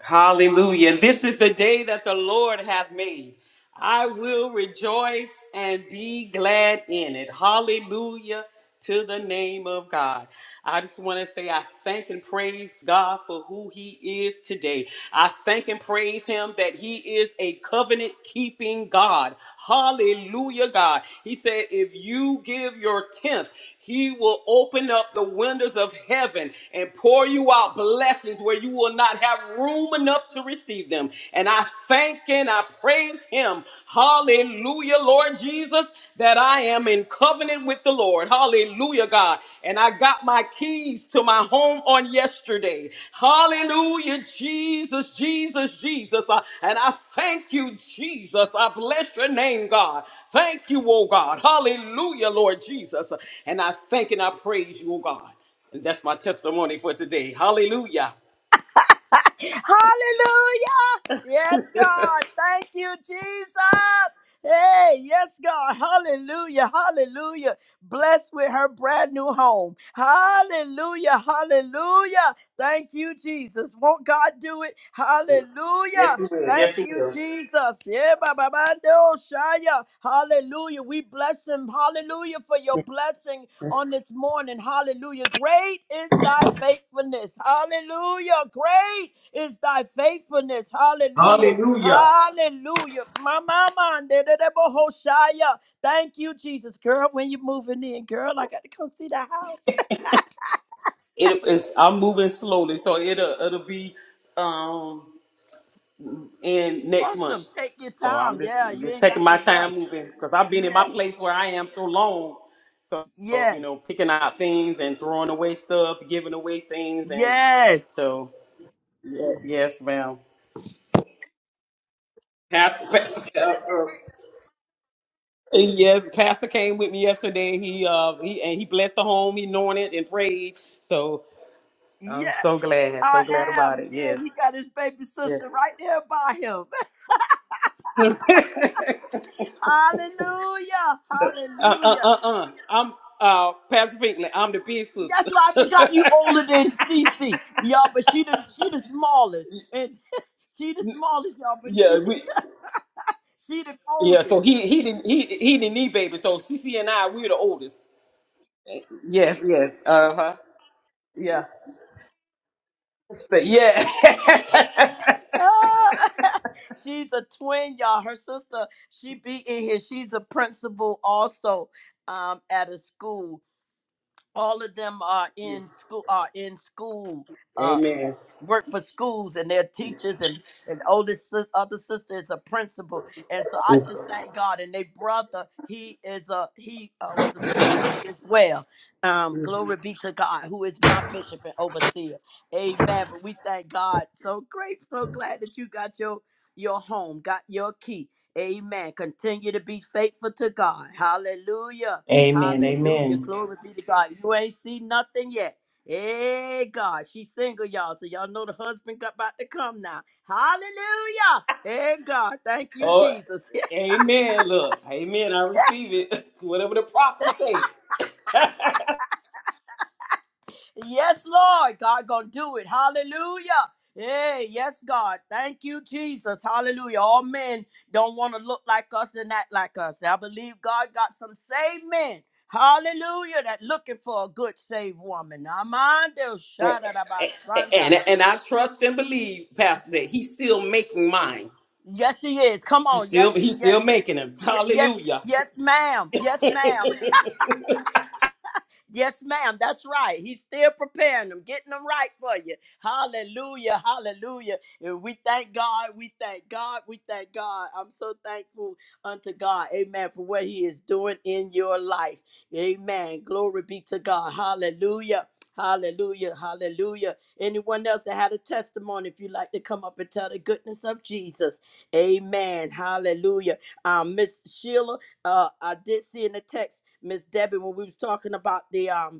Hallelujah. This is the day that the Lord hath made. I will rejoice and be glad in it. Hallelujah to the name of God. I just want to say I thank and praise God for who He is today. I thank and praise Him that He is a covenant keeping God. Hallelujah, God. He said, if you give your tenth, He will open up the windows of heaven and pour you out blessings where you will not have room enough to receive them. And I thank and I praise him. Hallelujah, Lord Jesus, that I am in covenant with the Lord. Hallelujah, God. And I got my keys to my home on yesterday. Hallelujah, Jesus, Jesus, Jesus. Uh, And I Thank you, Jesus. I bless your name, God. Thank you, oh God. Hallelujah, Lord Jesus. And I thank and I praise you, oh God. And that's my testimony for today. Hallelujah.
Hallelujah. Yes, God. Thank you, Jesus. Hey, yes, God. Hallelujah. Hallelujah. Blessed with her brand new home. Hallelujah. Hallelujah. Thank you, Jesus. Won't God do it?
Yes,
Hallelujah.
he will. Yes,
Thank
he
you,
will.
Jesus. Yeah, ba, ba, ba, no, Shia. Hallelujah. We bless him. Hallelujah for your blessing on this morning. Hallelujah. Great is thy faithfulness. Hallelujah. Great is thy faithfulness. Hallelujah. Hallelujah. My mama. Hoshaya. Thank you, Jesus. Girl, when you are moving in, girl, I got to come see the house.
It is I'm moving slowly, so it'll it'll be um in next month.
Awesome. Take your
So I'm
time.
just,
Yeah, you
just
ain't
taking
got
my
to rush.
time moving because I've been in my
Yes.
place where I am so long. So you know,
Yes.
picking out things and throwing away stuff, giving away things and
Yes.
so Ye- Yes, ma'am. Pastor, Pastor uh, uh, yes, Pastor came with me yesterday. He uh he and he blessed the home, he anointed and prayed. So I'm
Yes.
so glad,
I
so glad about
am.
it.
Yeah,
Yes,
he got his baby
yes.
sister right there by him. Hallelujah.
Uh uh
Hallelujah.
uh uh. I'm uh Pastor Finkley. I'm the big
That's
sister.
why I forgot you older than Cece, y'all. But she the she the smallest, and she the smallest, y'all. But
yeah,
she
we.
she the
Yeah, so
oldest.
he he didn't he he didn't need baby. So CC and I we're the oldest. Yes, yes. Uh huh. Yeah. So, yeah.
Ah, she's a twin, y'all. Her sister, she be in here. She's a principal also, um, at a school. All of them are in school. Are in school. uh,
amen.
work for schools and their teachers and and oldest sis- other sister is a principal and so i just thank god and they brother he is a he uh, was a school teacher as well um glory be to god who is my bishop and overseer amen but we thank god so great so glad that you got your your home got your key amen continue to be faithful to god hallelujah
Amen.
hallelujah
Amen.
glory be to god you ain't seen nothing yet Hey God, she's single, y'all. So y'all know the husband got about to come now. Hallelujah. Hey God, thank you,
Oh,
Jesus.
amen. Look, amen. I receive it. Whatever the prophet say.
yes, Lord. God gonna do it. Hallelujah. Hey, yes, God. Thank you, Jesus. Hallelujah. All men don't want to look like us and act like us. I believe God got some saved men. Hallelujah. That looking for a good saved woman. Amando
And,
Shadabasanda.
and and I trust and believe, Pastor, that he's still making mine.
Yes, he is. Come
He's
on.
still
Yes, he,
he's
yes.
still making them.
Y- yes,
Hallelujah.
yes, ma'am. Yes, ma'am. Yes, ma'am. That's right. He's still preparing them, getting them right for you. Hallelujah. Hallelujah. And we thank God. We thank God. We thank God. I'm so thankful unto God. Amen. For what he is doing in your life. Amen. Glory be to God. Hallelujah. Hallelujah. Hallelujah. Anyone else that had a testimony, if you'd like to come up and tell the goodness of Jesus. Amen. Hallelujah. Um, Miss Sheila. Uh, I did see in the text, Miss Debbie, when we was talking about the um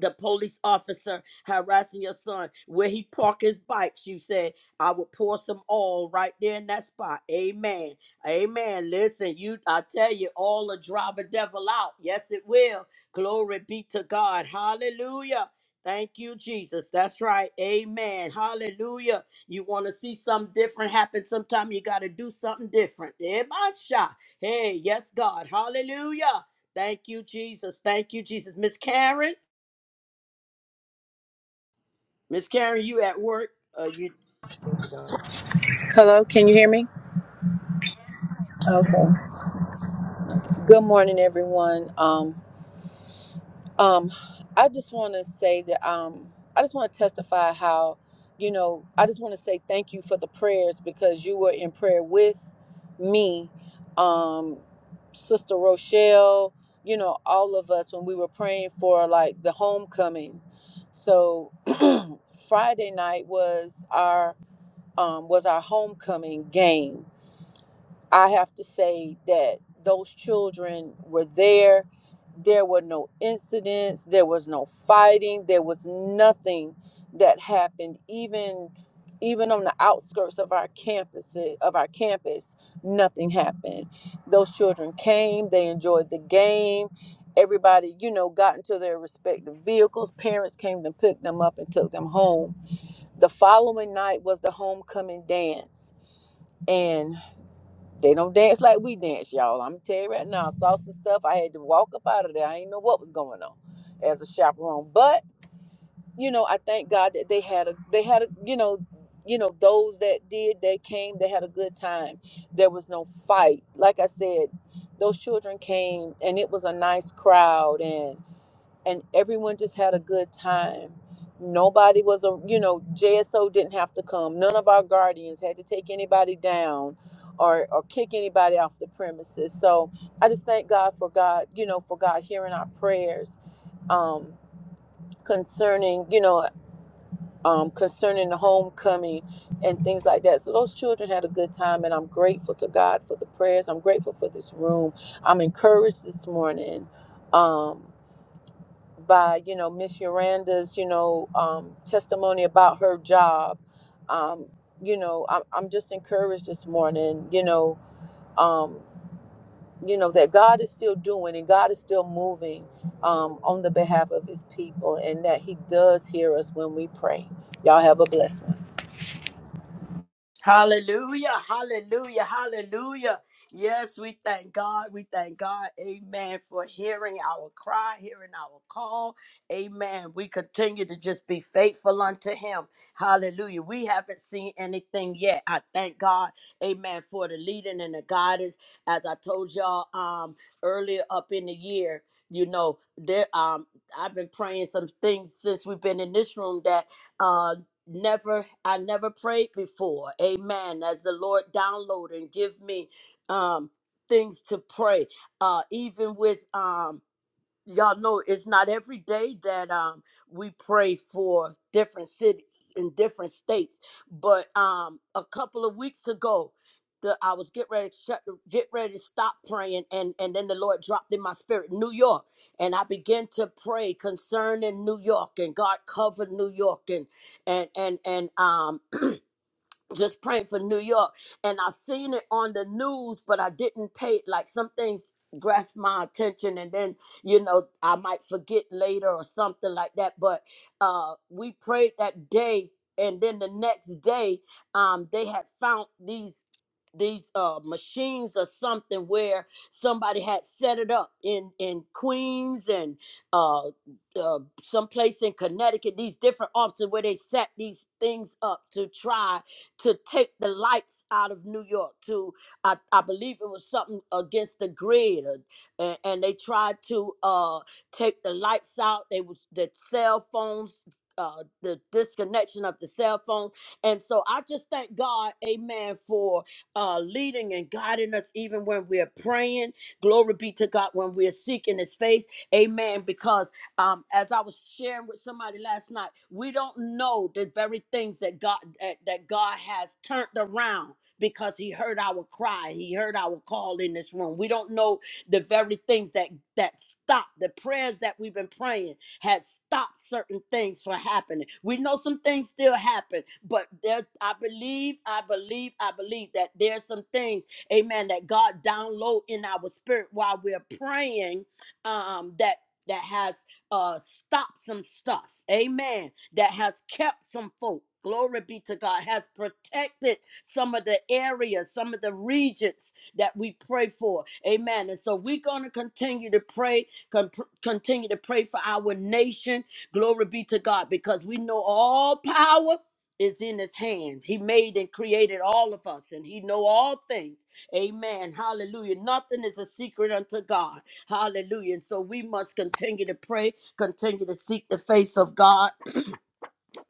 the police officer harassing your son where he park his bikes you said i would pour some oil right there in that spot amen amen listen you i tell you all the driver devil out yes it will glory be to god hallelujah Thank you, Jesus. That's right. Amen. Hallelujah. You want to see something different happen sometime, you got to do something different. Eh, my shot. Hey, yes, God. Hallelujah. Thank you, Jesus. Thank you, Jesus. Miss Karen. Miss Karen, you at work? Uh, you
Hello, can you hear me? Okay. Good morning, everyone. Um, um, I just want to say that um, I just want to testify how, you know, I just want to say thank you for the prayers because you were in prayer with me, um, Sister Rochelle. You know, all of us when we were praying for like the homecoming. So Friday night was our um, was our homecoming game I have to say that those children were there. There were no incidents, there was no fighting, there was nothing that happened even even on the outskirts of our campus of our campus nothing happened those children came they enjoyed the game everybody you know got into their respective vehicles parents came to pick them up and took them home the following night was the homecoming dance and. They don't dance like we dance, y'all. I'm tell you right now, I saw some stuff. I had to walk up out of there. I didn't know what was going on as a chaperone. But, you know, I thank God that they had a they had a you know, you know, those that did, they came, they had a good time. There was no fight. Like I said, those children came and it was a nice crowd And and everyone just had a good time. Nobody was a you know JSO didn't have to come. None of our guardians had to take anybody down or or kick anybody off the premises. So I just thank God for God you know for God hearing our prayers um, concerning you know um, concerning the homecoming and things like that. So those children had a good time, and I'm grateful to God for the prayers. I'm grateful for this room. I'm encouraged this morning. Um, by you know Miss Yolanda's you know um, testimony about her job. Um, you know, I'm, I'm just encouraged this morning. You know, um, you know that God is still doing and God is still moving um, on the behalf of His people, and that He does hear us when we pray. Y'all have a blessed. one.
hallelujah, hallelujah, hallelujah. Yes, we thank God. We thank God, amen, for hearing our cry, hearing our call. Amen. We continue to just be faithful unto Him. Hallelujah. We haven't seen anything yet. I thank God, amen, for the leading and the guidance. As I told y'all um earlier up in the year, you know, there um I've been praying some things since we've been in this room that uh never I never prayed before. Amen. As the Lord download and give me um things to pray. Uh even with um y'all know it's not every day that um we pray for different cities in different states but um a couple of weeks ago the, I was get ready to shut, get ready to stop praying and and then the Lord dropped in my spirit New York and I began to pray concerning New York and God covered New York and and and and um just praying for New York. And I seen it on the news, but I didn't pay like some things grasped my attention and then you know I might forget later or something like that. But uh we prayed that day and then the next day um they had found these these uh machines or something where somebody had set it up in in Queens and uh, uh someplace in Connecticut these different offices where they set these things up to try to take the lights out of New York. To I, I believe it was something against the grid, or, and, and they tried to uh, take the lights out. They was the cell phones. Uh, the disconnection of the cell phone. And so I just thank God, amen, for uh, leading and guiding us even when we're praying. Glory be to God when we're seeking his face. Amen. Because um, as I was sharing with somebody last night, we don't know the very things that God that, that God has turned around because He heard our cry, He heard our call in this room. We don't know the very things that that stopped the prayers that we've been praying had stopped certain things from happening. We know some things still happen, but there, I believe, I believe, I believe that there's some things, Amen, that God download in our spirit while we're praying, um, that. That has uh stop some stuff amen that has kept some folk glory be to god has protected some of the areas some of the regions that we pray for amen and so we're going to continue to pray con- continue to pray for our nation glory be to god because we know all power is in his hands he made and created all of us and he know all things amen hallelujah nothing is a secret unto god Hallelujah. And so we must continue to pray, continue to seek the face of God.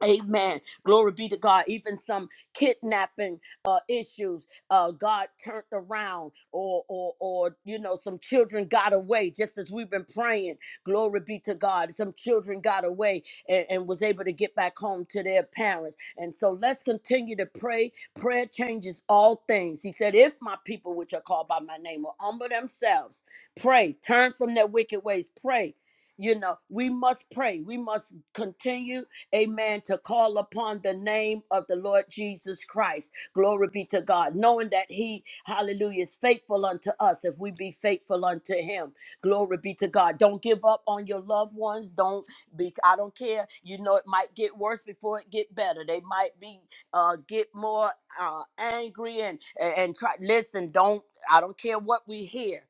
Amen. Glory be to God. Even some kidnapping uh, issues, uh, God turned around, or or or you know, some children got away. Just as we've been praying, glory be to God. Some children got away and, and was able to get back home to their parents. And so let's continue to pray. Prayer changes all things. He said, "If my people, which are called by my name, will humble themselves, pray, turn from their wicked ways, pray." You know, we must pray. We must continue amen, to call upon the name of the Lord Jesus Christ. Glory be to God, knowing that He, hallelujah, is faithful unto us if we be faithful unto Him. Glory be to God. Don't give up on your loved ones. Don't be, I don't care. You know, it might get worse before it get better. They might be, uh, get more uh, angry and, and, and try, listen, don't, I don't care what we hear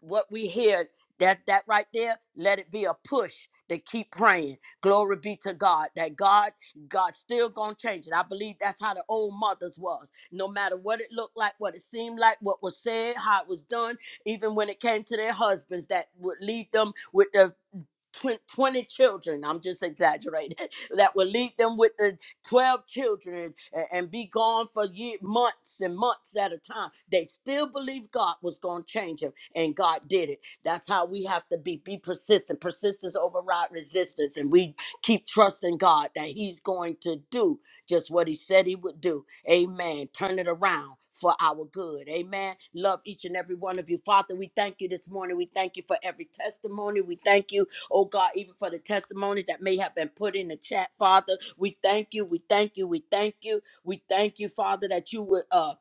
what we hear that that right there let it be a push to keep praying glory be to god that god god still gonna change it i believe that's how the old mothers was no matter what it looked like what it seemed like what was said how it was done even when it came to their husbands that would lead them with the twen- 20 children, I'm just exaggerating, that would leave them with the 12 children and, and be gone for year, months and months at a time. They still believed God was going to change him, and God did it. That's how we have to be. Be persistent. Persistence override resistance, and we keep trusting God that he's going to do just what he said he would do. Amen. Turn it around. For our good. Amen. Love each and every one of you. Father, we thank you this morning. We thank you for every testimony. We thank you Oh God, even for the testimonies that may have been put in the chat, Father, we thank you. We thank you. We thank you. We thank you, Father, that you would. uh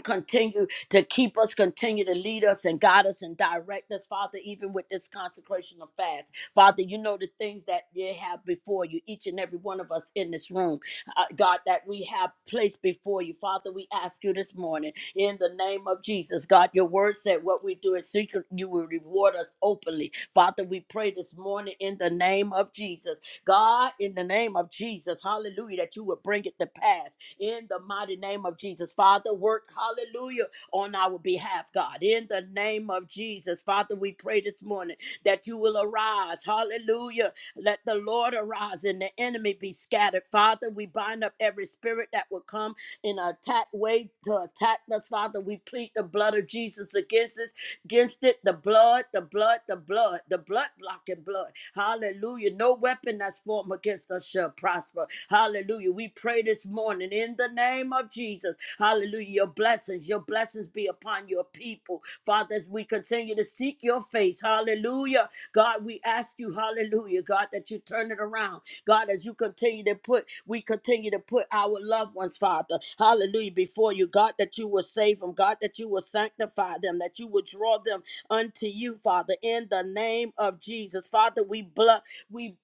continue to keep us, continue to lead us and guide us and direct us, Father, even with this consecration of fast. Father, you know the things that you have before you, each and every one of us in this room, uh, God, that we have placed before you. Father, we ask you this morning in the name of Jesus, God, your word said what we do in secret, you will reward us openly. Father, we pray this morning in the name of Jesus God, in the name of Jesus, hallelujah, that you would bring it to pass in the mighty name of Jesus. Father, work, hallelujah, on our behalf, God, in the name of Jesus. Father, we pray this morning that you will arise, hallelujah. Let the Lord arise and the enemy be scattered. Father, we bind up every spirit that will come in an attack way to attack us, Father. We plead the blood of Jesus against it against it the blood, the blood, the blood, the blood blocking blood. Hallelujah. No weapon that's formed against us shall prosper. Hallelujah. We pray this morning in the name of Jesus. Hallelujah. Your blessings, your blessings be upon your people. Father, as we continue to seek your face. Hallelujah here. God, we ask you, hallelujah, God, that you turn it around. God, as you continue to put, we continue to put our loved ones, Father, hallelujah, before you. God, that you will save them. God, that you will sanctify them, that you will draw them unto you, Father, in the name of Jesus. Father, we bl- we.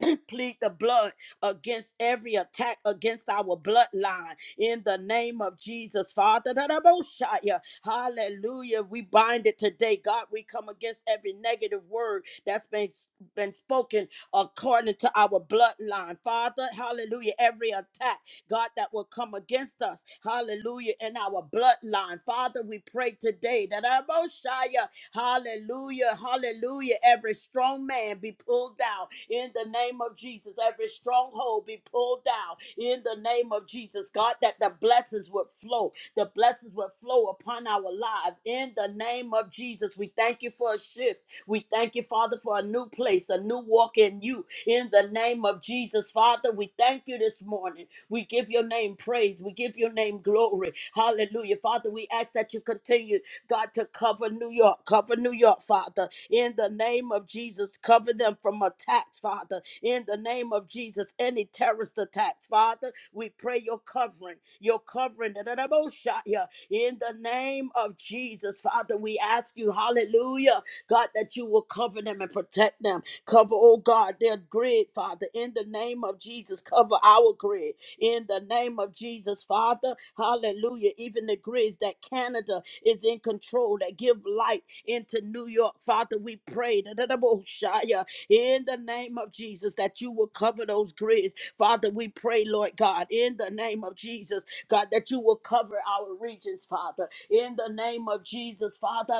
plead the blood against every attack against our bloodline in the name of Jesus, Father. da- da- bo- sha- ya. Hallelujah. We bind it today, God. We come against every negative word that's been, been spoken according to our bloodline, Father. Hallelujah. Every attack. God, that will come against us. Hallelujah. In our bloodline. Father, we pray today that our Moshiach, hallelujah, hallelujah, every strong man be pulled down in the name of Jesus. Every stronghold be pulled down in the name of Jesus. God, that the blessings would flow overflow. The blessings will flow upon our lives. In the name of Jesus, we thank you for a shift. We thank you, Father, for a new place, a new walk in you. In the name of Jesus, Father, we thank you this morning. We give your name praise. We give your name glory. Hallelujah. Father, we ask that you continue God, to cover New York, cover New York, Father, in the name of Jesus, cover them from attacks, Father, in the name of Jesus, any terrorist attacks, Father, we pray your covering, your covering, da, da, da, bo, sha, ya. in the name of Jesus, Father, we ask you, hallelujah, God, that you will cover them and protect them, cover, oh God, their grid, Father, in the name of Jesus, cover our grid, in the name of Jesus, Father. Hallelujah. Even the agrees that Canada is in control, that give light into New York, Father. We pray that in the name of Jesus that you will cover those grids. Father, we pray, Lord God, in the name of Jesus, God, that you will cover our regions, Father. In the name of Jesus, Father.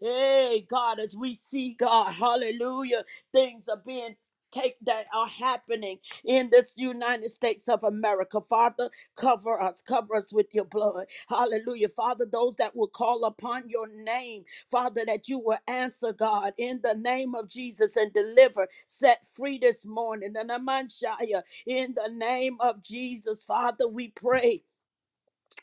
Hey, God, as we see, God, hallelujah, things are being. Take that are happening in this United States of America. Father, cover us, cover us with your blood. Hallelujah. Father, those that will call upon your name, Father, that you will answer, God, in the name of Jesus and deliver, set free this morning. And Amanshaya, in the name of Jesus, Father, we pray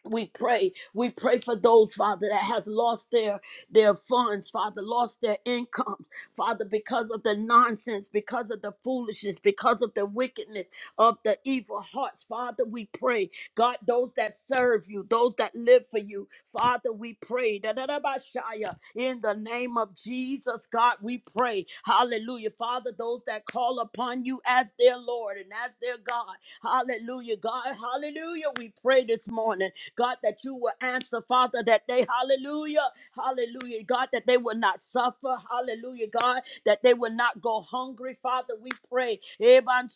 we pray we pray for those father that has lost their their funds father lost their income father because of the nonsense because of the foolishness because of the wickedness of the evil hearts father we pray god those that serve you those that live for you father we pray Da-da-da-ba-shaya. in the name of jesus god we pray hallelujah father those that call upon you as their lord and as their god hallelujah god hallelujah we pray this morning God, that you will answer, Father, that they, hallelujah, hallelujah, God, that they will not suffer, hallelujah, God, that they will not go hungry, Father, we pray, Eban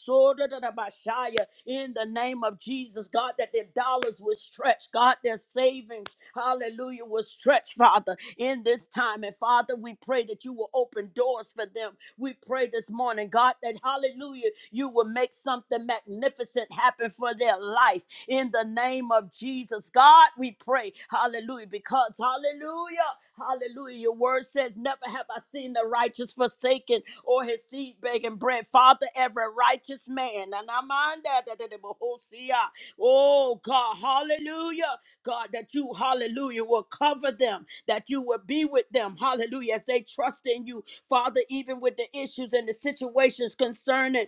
in the name of Jesus, God, that their dollars will stretch, God, their savings, hallelujah, will stretch, Father, in this time, and Father, we pray that you will open doors for them, we pray this morning, God, that hallelujah, you will make something magnificent happen for their life in the name of Jesus. God, we pray, hallelujah, because hallelujah, hallelujah, your word says, Never have I seen the righteous forsaken or his seed begging bread. Father, every righteous man, and I'm on that, that- that- that- oh see, ah, oh, God, hallelujah, God, that you, hallelujah, will cover them, that you will be with them, hallelujah, as they trust in you, Father, even with the issues and the situations concerning.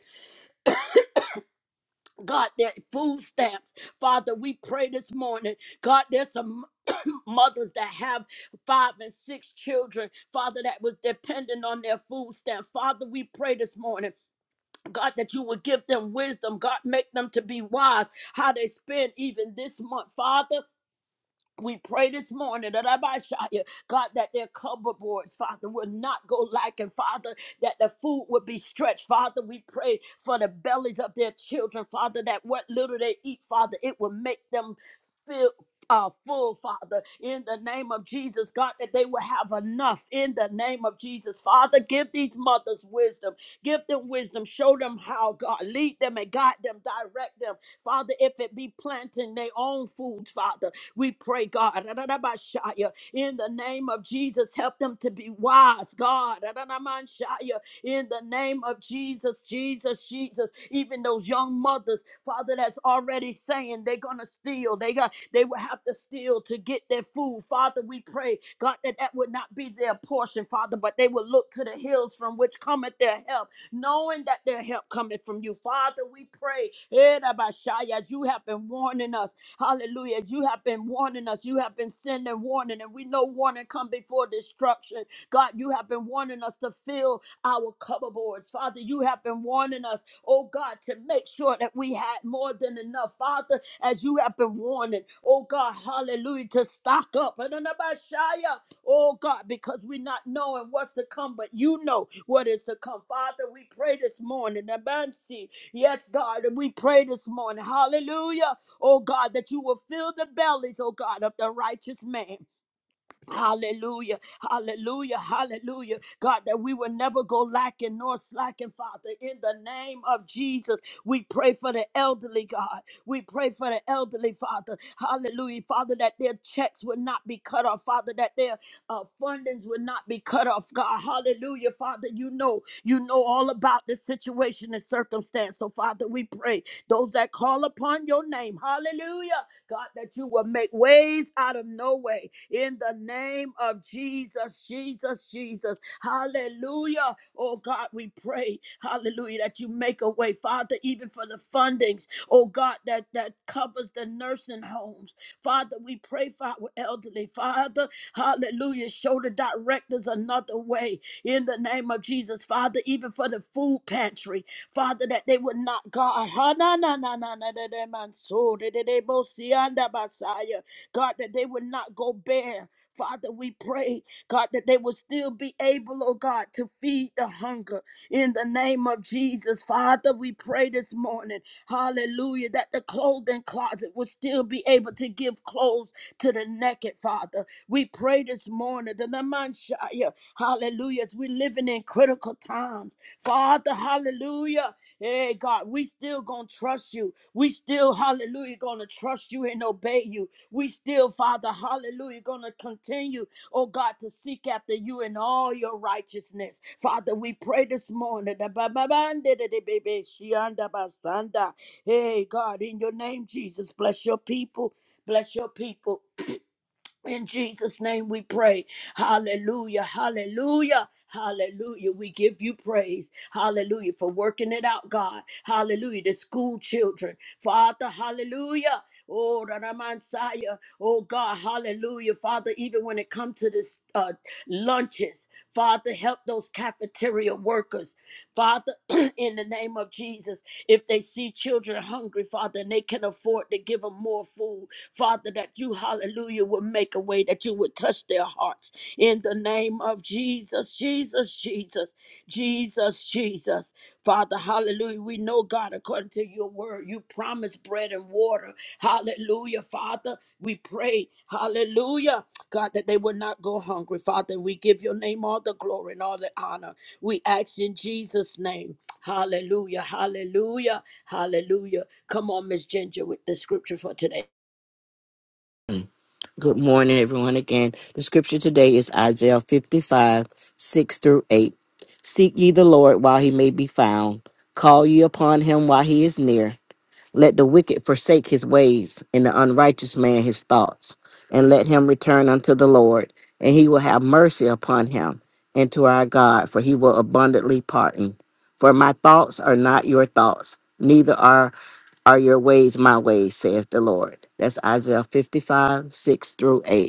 God, their food stamps. Father, we pray this morning. God, there's some mothers that have five and six children, Father, that was dependent on their food stamps. Father, we pray this morning, God, that you would give them wisdom. God, make them to be wise how they spend even this month. Father, we pray this morning that I might shout you, God, that their cupboards, Father, will not go lacking, Father, that the food would be stretched, Father. We pray for the bellies of their children, Father, that what little they eat, Father, it will make them feel. Uh, full Father, in the name of Jesus, God, that they will have enough in the name of Jesus. Father, give these mothers wisdom, give them wisdom, show them how, God, lead them and guide them, direct them. Father, if it be planting their own food, Father. We pray, God, in the name of Jesus, help them to be wise, God, in the name of Jesus, Jesus, Jesus. Even those young mothers, Father, that's already saying they're gonna steal, they got, they will have to steal to get their food. Father, we pray, God, that that would not be their portion, Father, but they will look to the hills from which cometh their help knowing that their help cometh from you. Father, we pray, eh, Rabashai, as you have been warning us. Hallelujah. You have been warning us. You have been sending warning, and we know warning come before destruction. God, you have been warning us to fill our cupboards. Father, you have been warning us, oh God, to make sure that we had more than enough. Father, as you have been warning, oh God, hallelujah, to stock up. And Oh God, because we're not knowing what's to come, but you know what is to come. Father, we pray this morning. Abansi. Yes, God, and we pray this morning. Hallelujah oh God, that you will fill the bellies, oh God, of the righteous man. Hallelujah, hallelujah, hallelujah. God, that we will never go lacking nor slacking, Father. In the name of Jesus, we pray for the elderly, God. We pray for the elderly, Father. Hallelujah, Father, that their checks would not be cut off, Father, that their uh, fundings would not be cut off, God. Hallelujah, Father. You know, you know all about the situation and circumstance. So, Father, we pray those that call upon your name, hallelujah. God, that you will make ways out of no way in the name of Jesus, Jesus, Jesus. Hallelujah. Oh God, we pray, hallelujah, that you make a way, Father, even for the fundings, oh God, that, that covers the nursing homes. Father, we pray for our elderly. Father, hallelujah, show the directors another way in the name of Jesus. Father, even for the food pantry, Father, that they would not, God, ha na na na na na na na man so de de de bo si anda basaya. God, that they would not go bare. Father, we pray, God, that they will still be able, oh God, to feed the hunger in the name of Jesus. Father, we pray this morning, hallelujah, that the clothing closet will still be able to give clothes to the naked, Father. We pray this morning, the Namanshaya, hallelujah, as we're living in critical times. Father, hallelujah. Hey, God, we still gonna trust you. We still, hallelujah, gonna trust you and obey you. We still, Father, hallelujah, gonna continue, oh God, to seek after you in all your righteousness. Father, we pray this morning. da ba ba ban de de de be be shi an da ba san da. Hey, God, in your name, Jesus, bless your people. Bless your people. In Jesus' name we pray. Hallelujah. Hallelujah. Hallelujah. We give you praise. Hallelujah. For working it out, God. Hallelujah. The school children. Father, hallelujah. Oh, Ramansaya. Oh, God. Hallelujah. Father, even when it comes to this uh, lunches, Father, help those cafeteria workers. Father, in the name of Jesus, if they see children hungry, Father, and they can afford to give them more food, Father, that you, hallelujah, would make a way, that you would touch their hearts. In the name of Jesus, Jesus, Jesus, Jesus, Jesus. Father, hallelujah. We know, God, according to to your word. You promised bread and water. Hallelujah, Father. We pray, hallelujah, God, that they will not go hungry. Father, we give your name all the glory and all the honor. We ask in Jesus' name. Hallelujah, hallelujah, hallelujah. Come on, Miss Ginger, with the scripture for today.
Good morning, everyone. Again, the scripture today is Isaiah 55, 6 through 8. Seek ye the Lord while he may be found, call ye upon him while he is near. Let the wicked forsake his ways, and the unrighteous man his thoughts, and let him return unto the Lord, and he will have mercy upon him, and to our God, for he will abundantly pardon. For my thoughts are not your thoughts, neither are are your ways my ways, saith the Lord. That's Isaiah 55, 6 through 8.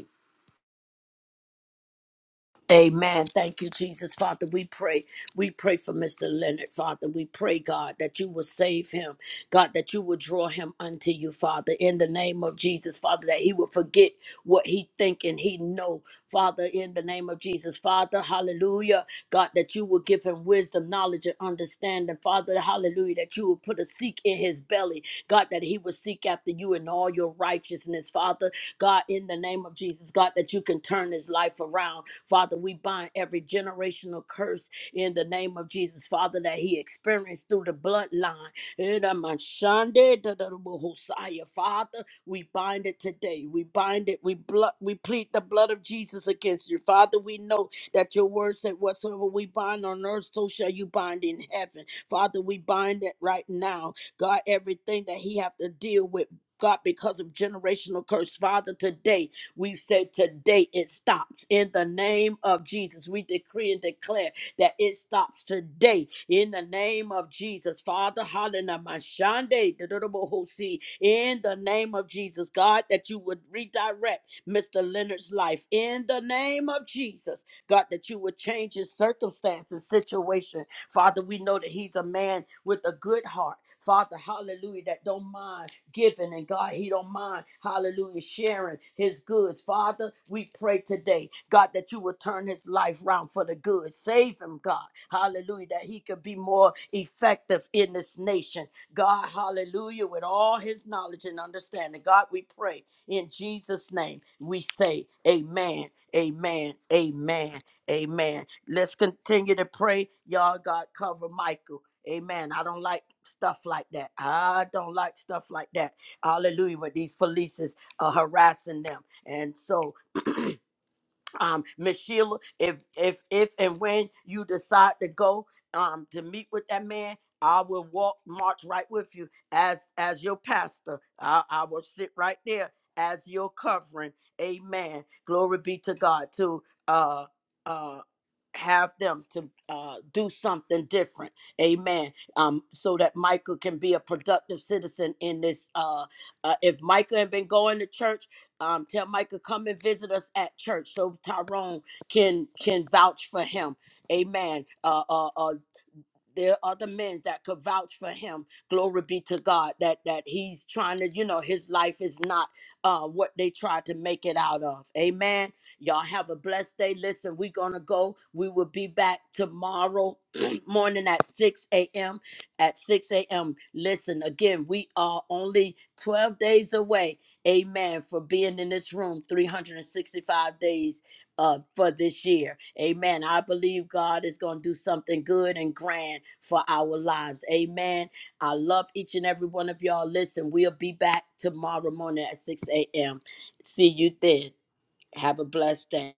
Amen. Thank you, Jesus. Father, we pray. We pray for Mr. Leonard, Father. We pray, God, that you will save him. God, that you will draw him unto you, Father, in the name of Jesus, Father, that he will forget what he think and he know, Father, in the name of Jesus. Father, hallelujah. God, that you will give him wisdom, knowledge, and understanding. Father, hallelujah, that you will put a seek in his belly. God, that he will seek after you in all your righteousness, Father God, in the name of Jesus, God, that you can turn his life around. Father, we bind every generational curse in the name of Jesus, Father, that he experienced through the bloodline. In the Mashande, da- da- da- Hosea. Father, we bind it today. We bind it. We blood. We plead the blood of Jesus against you, Father. We know that your word said, "Whatsoever we bind on earth, so shall you bind in heaven." Father, we bind it right now. God, everything that he have to deal with God, because of generational curse. Father, today we say today it stops in the name of Jesus. We decree and declare that it stops today in the name of Jesus. Father, hallelujah. Mashande, dododobohosi, In the name of Jesus, God, that you would redirect Mr. Leonard's life in the name of Jesus. God, that you would change his circumstances, situation Father, we know that he's a man with a good heart. Father, hallelujah, that don't mind giving. And God, he don't mind, hallelujah, sharing his goods. Father, we pray today, God, that you will turn his life round for the good. Save him, God. Hallelujah, that he could be more effective in this nation. God, hallelujah, with all his knowledge and understanding. God, we pray in Jesus' name. We say, Amen, Amen, Amen. Amen. Let's continue to pray. Y'all, God, cover Michael. Amen. I don't like stuff like that. I don't like stuff like that. Hallelujah. Where these police are harassing them. And so um miss sheila if if if and when you decide to go um to meet with that man i will walk march right with you as as your pastor i, I will sit right there as your covering amen glory be to god to uh uh have them to uh do something different amen um so that michael can be a productive citizen in this uh, uh if michael had been going to church um, tell Micah come and visit us at church so Tyrone can can vouch for him. Amen. Uh, uh, uh, there are other men that could vouch for him glory be to god that that he's trying to you know his life is not uh what they tried to make it out of amen y'all have a blessed day listen we're gonna go we will be back tomorrow morning at 6 a.m at 6 a.m listen again we are only 12 days away amen for being in this room 365 days uh, for this year. Amen. I believe God is going to do something good and grand for our lives. Amen. I love each and every one of y'all. Listen, we'll be back tomorrow morning at 6 a.m. See you then. Have a blessed day.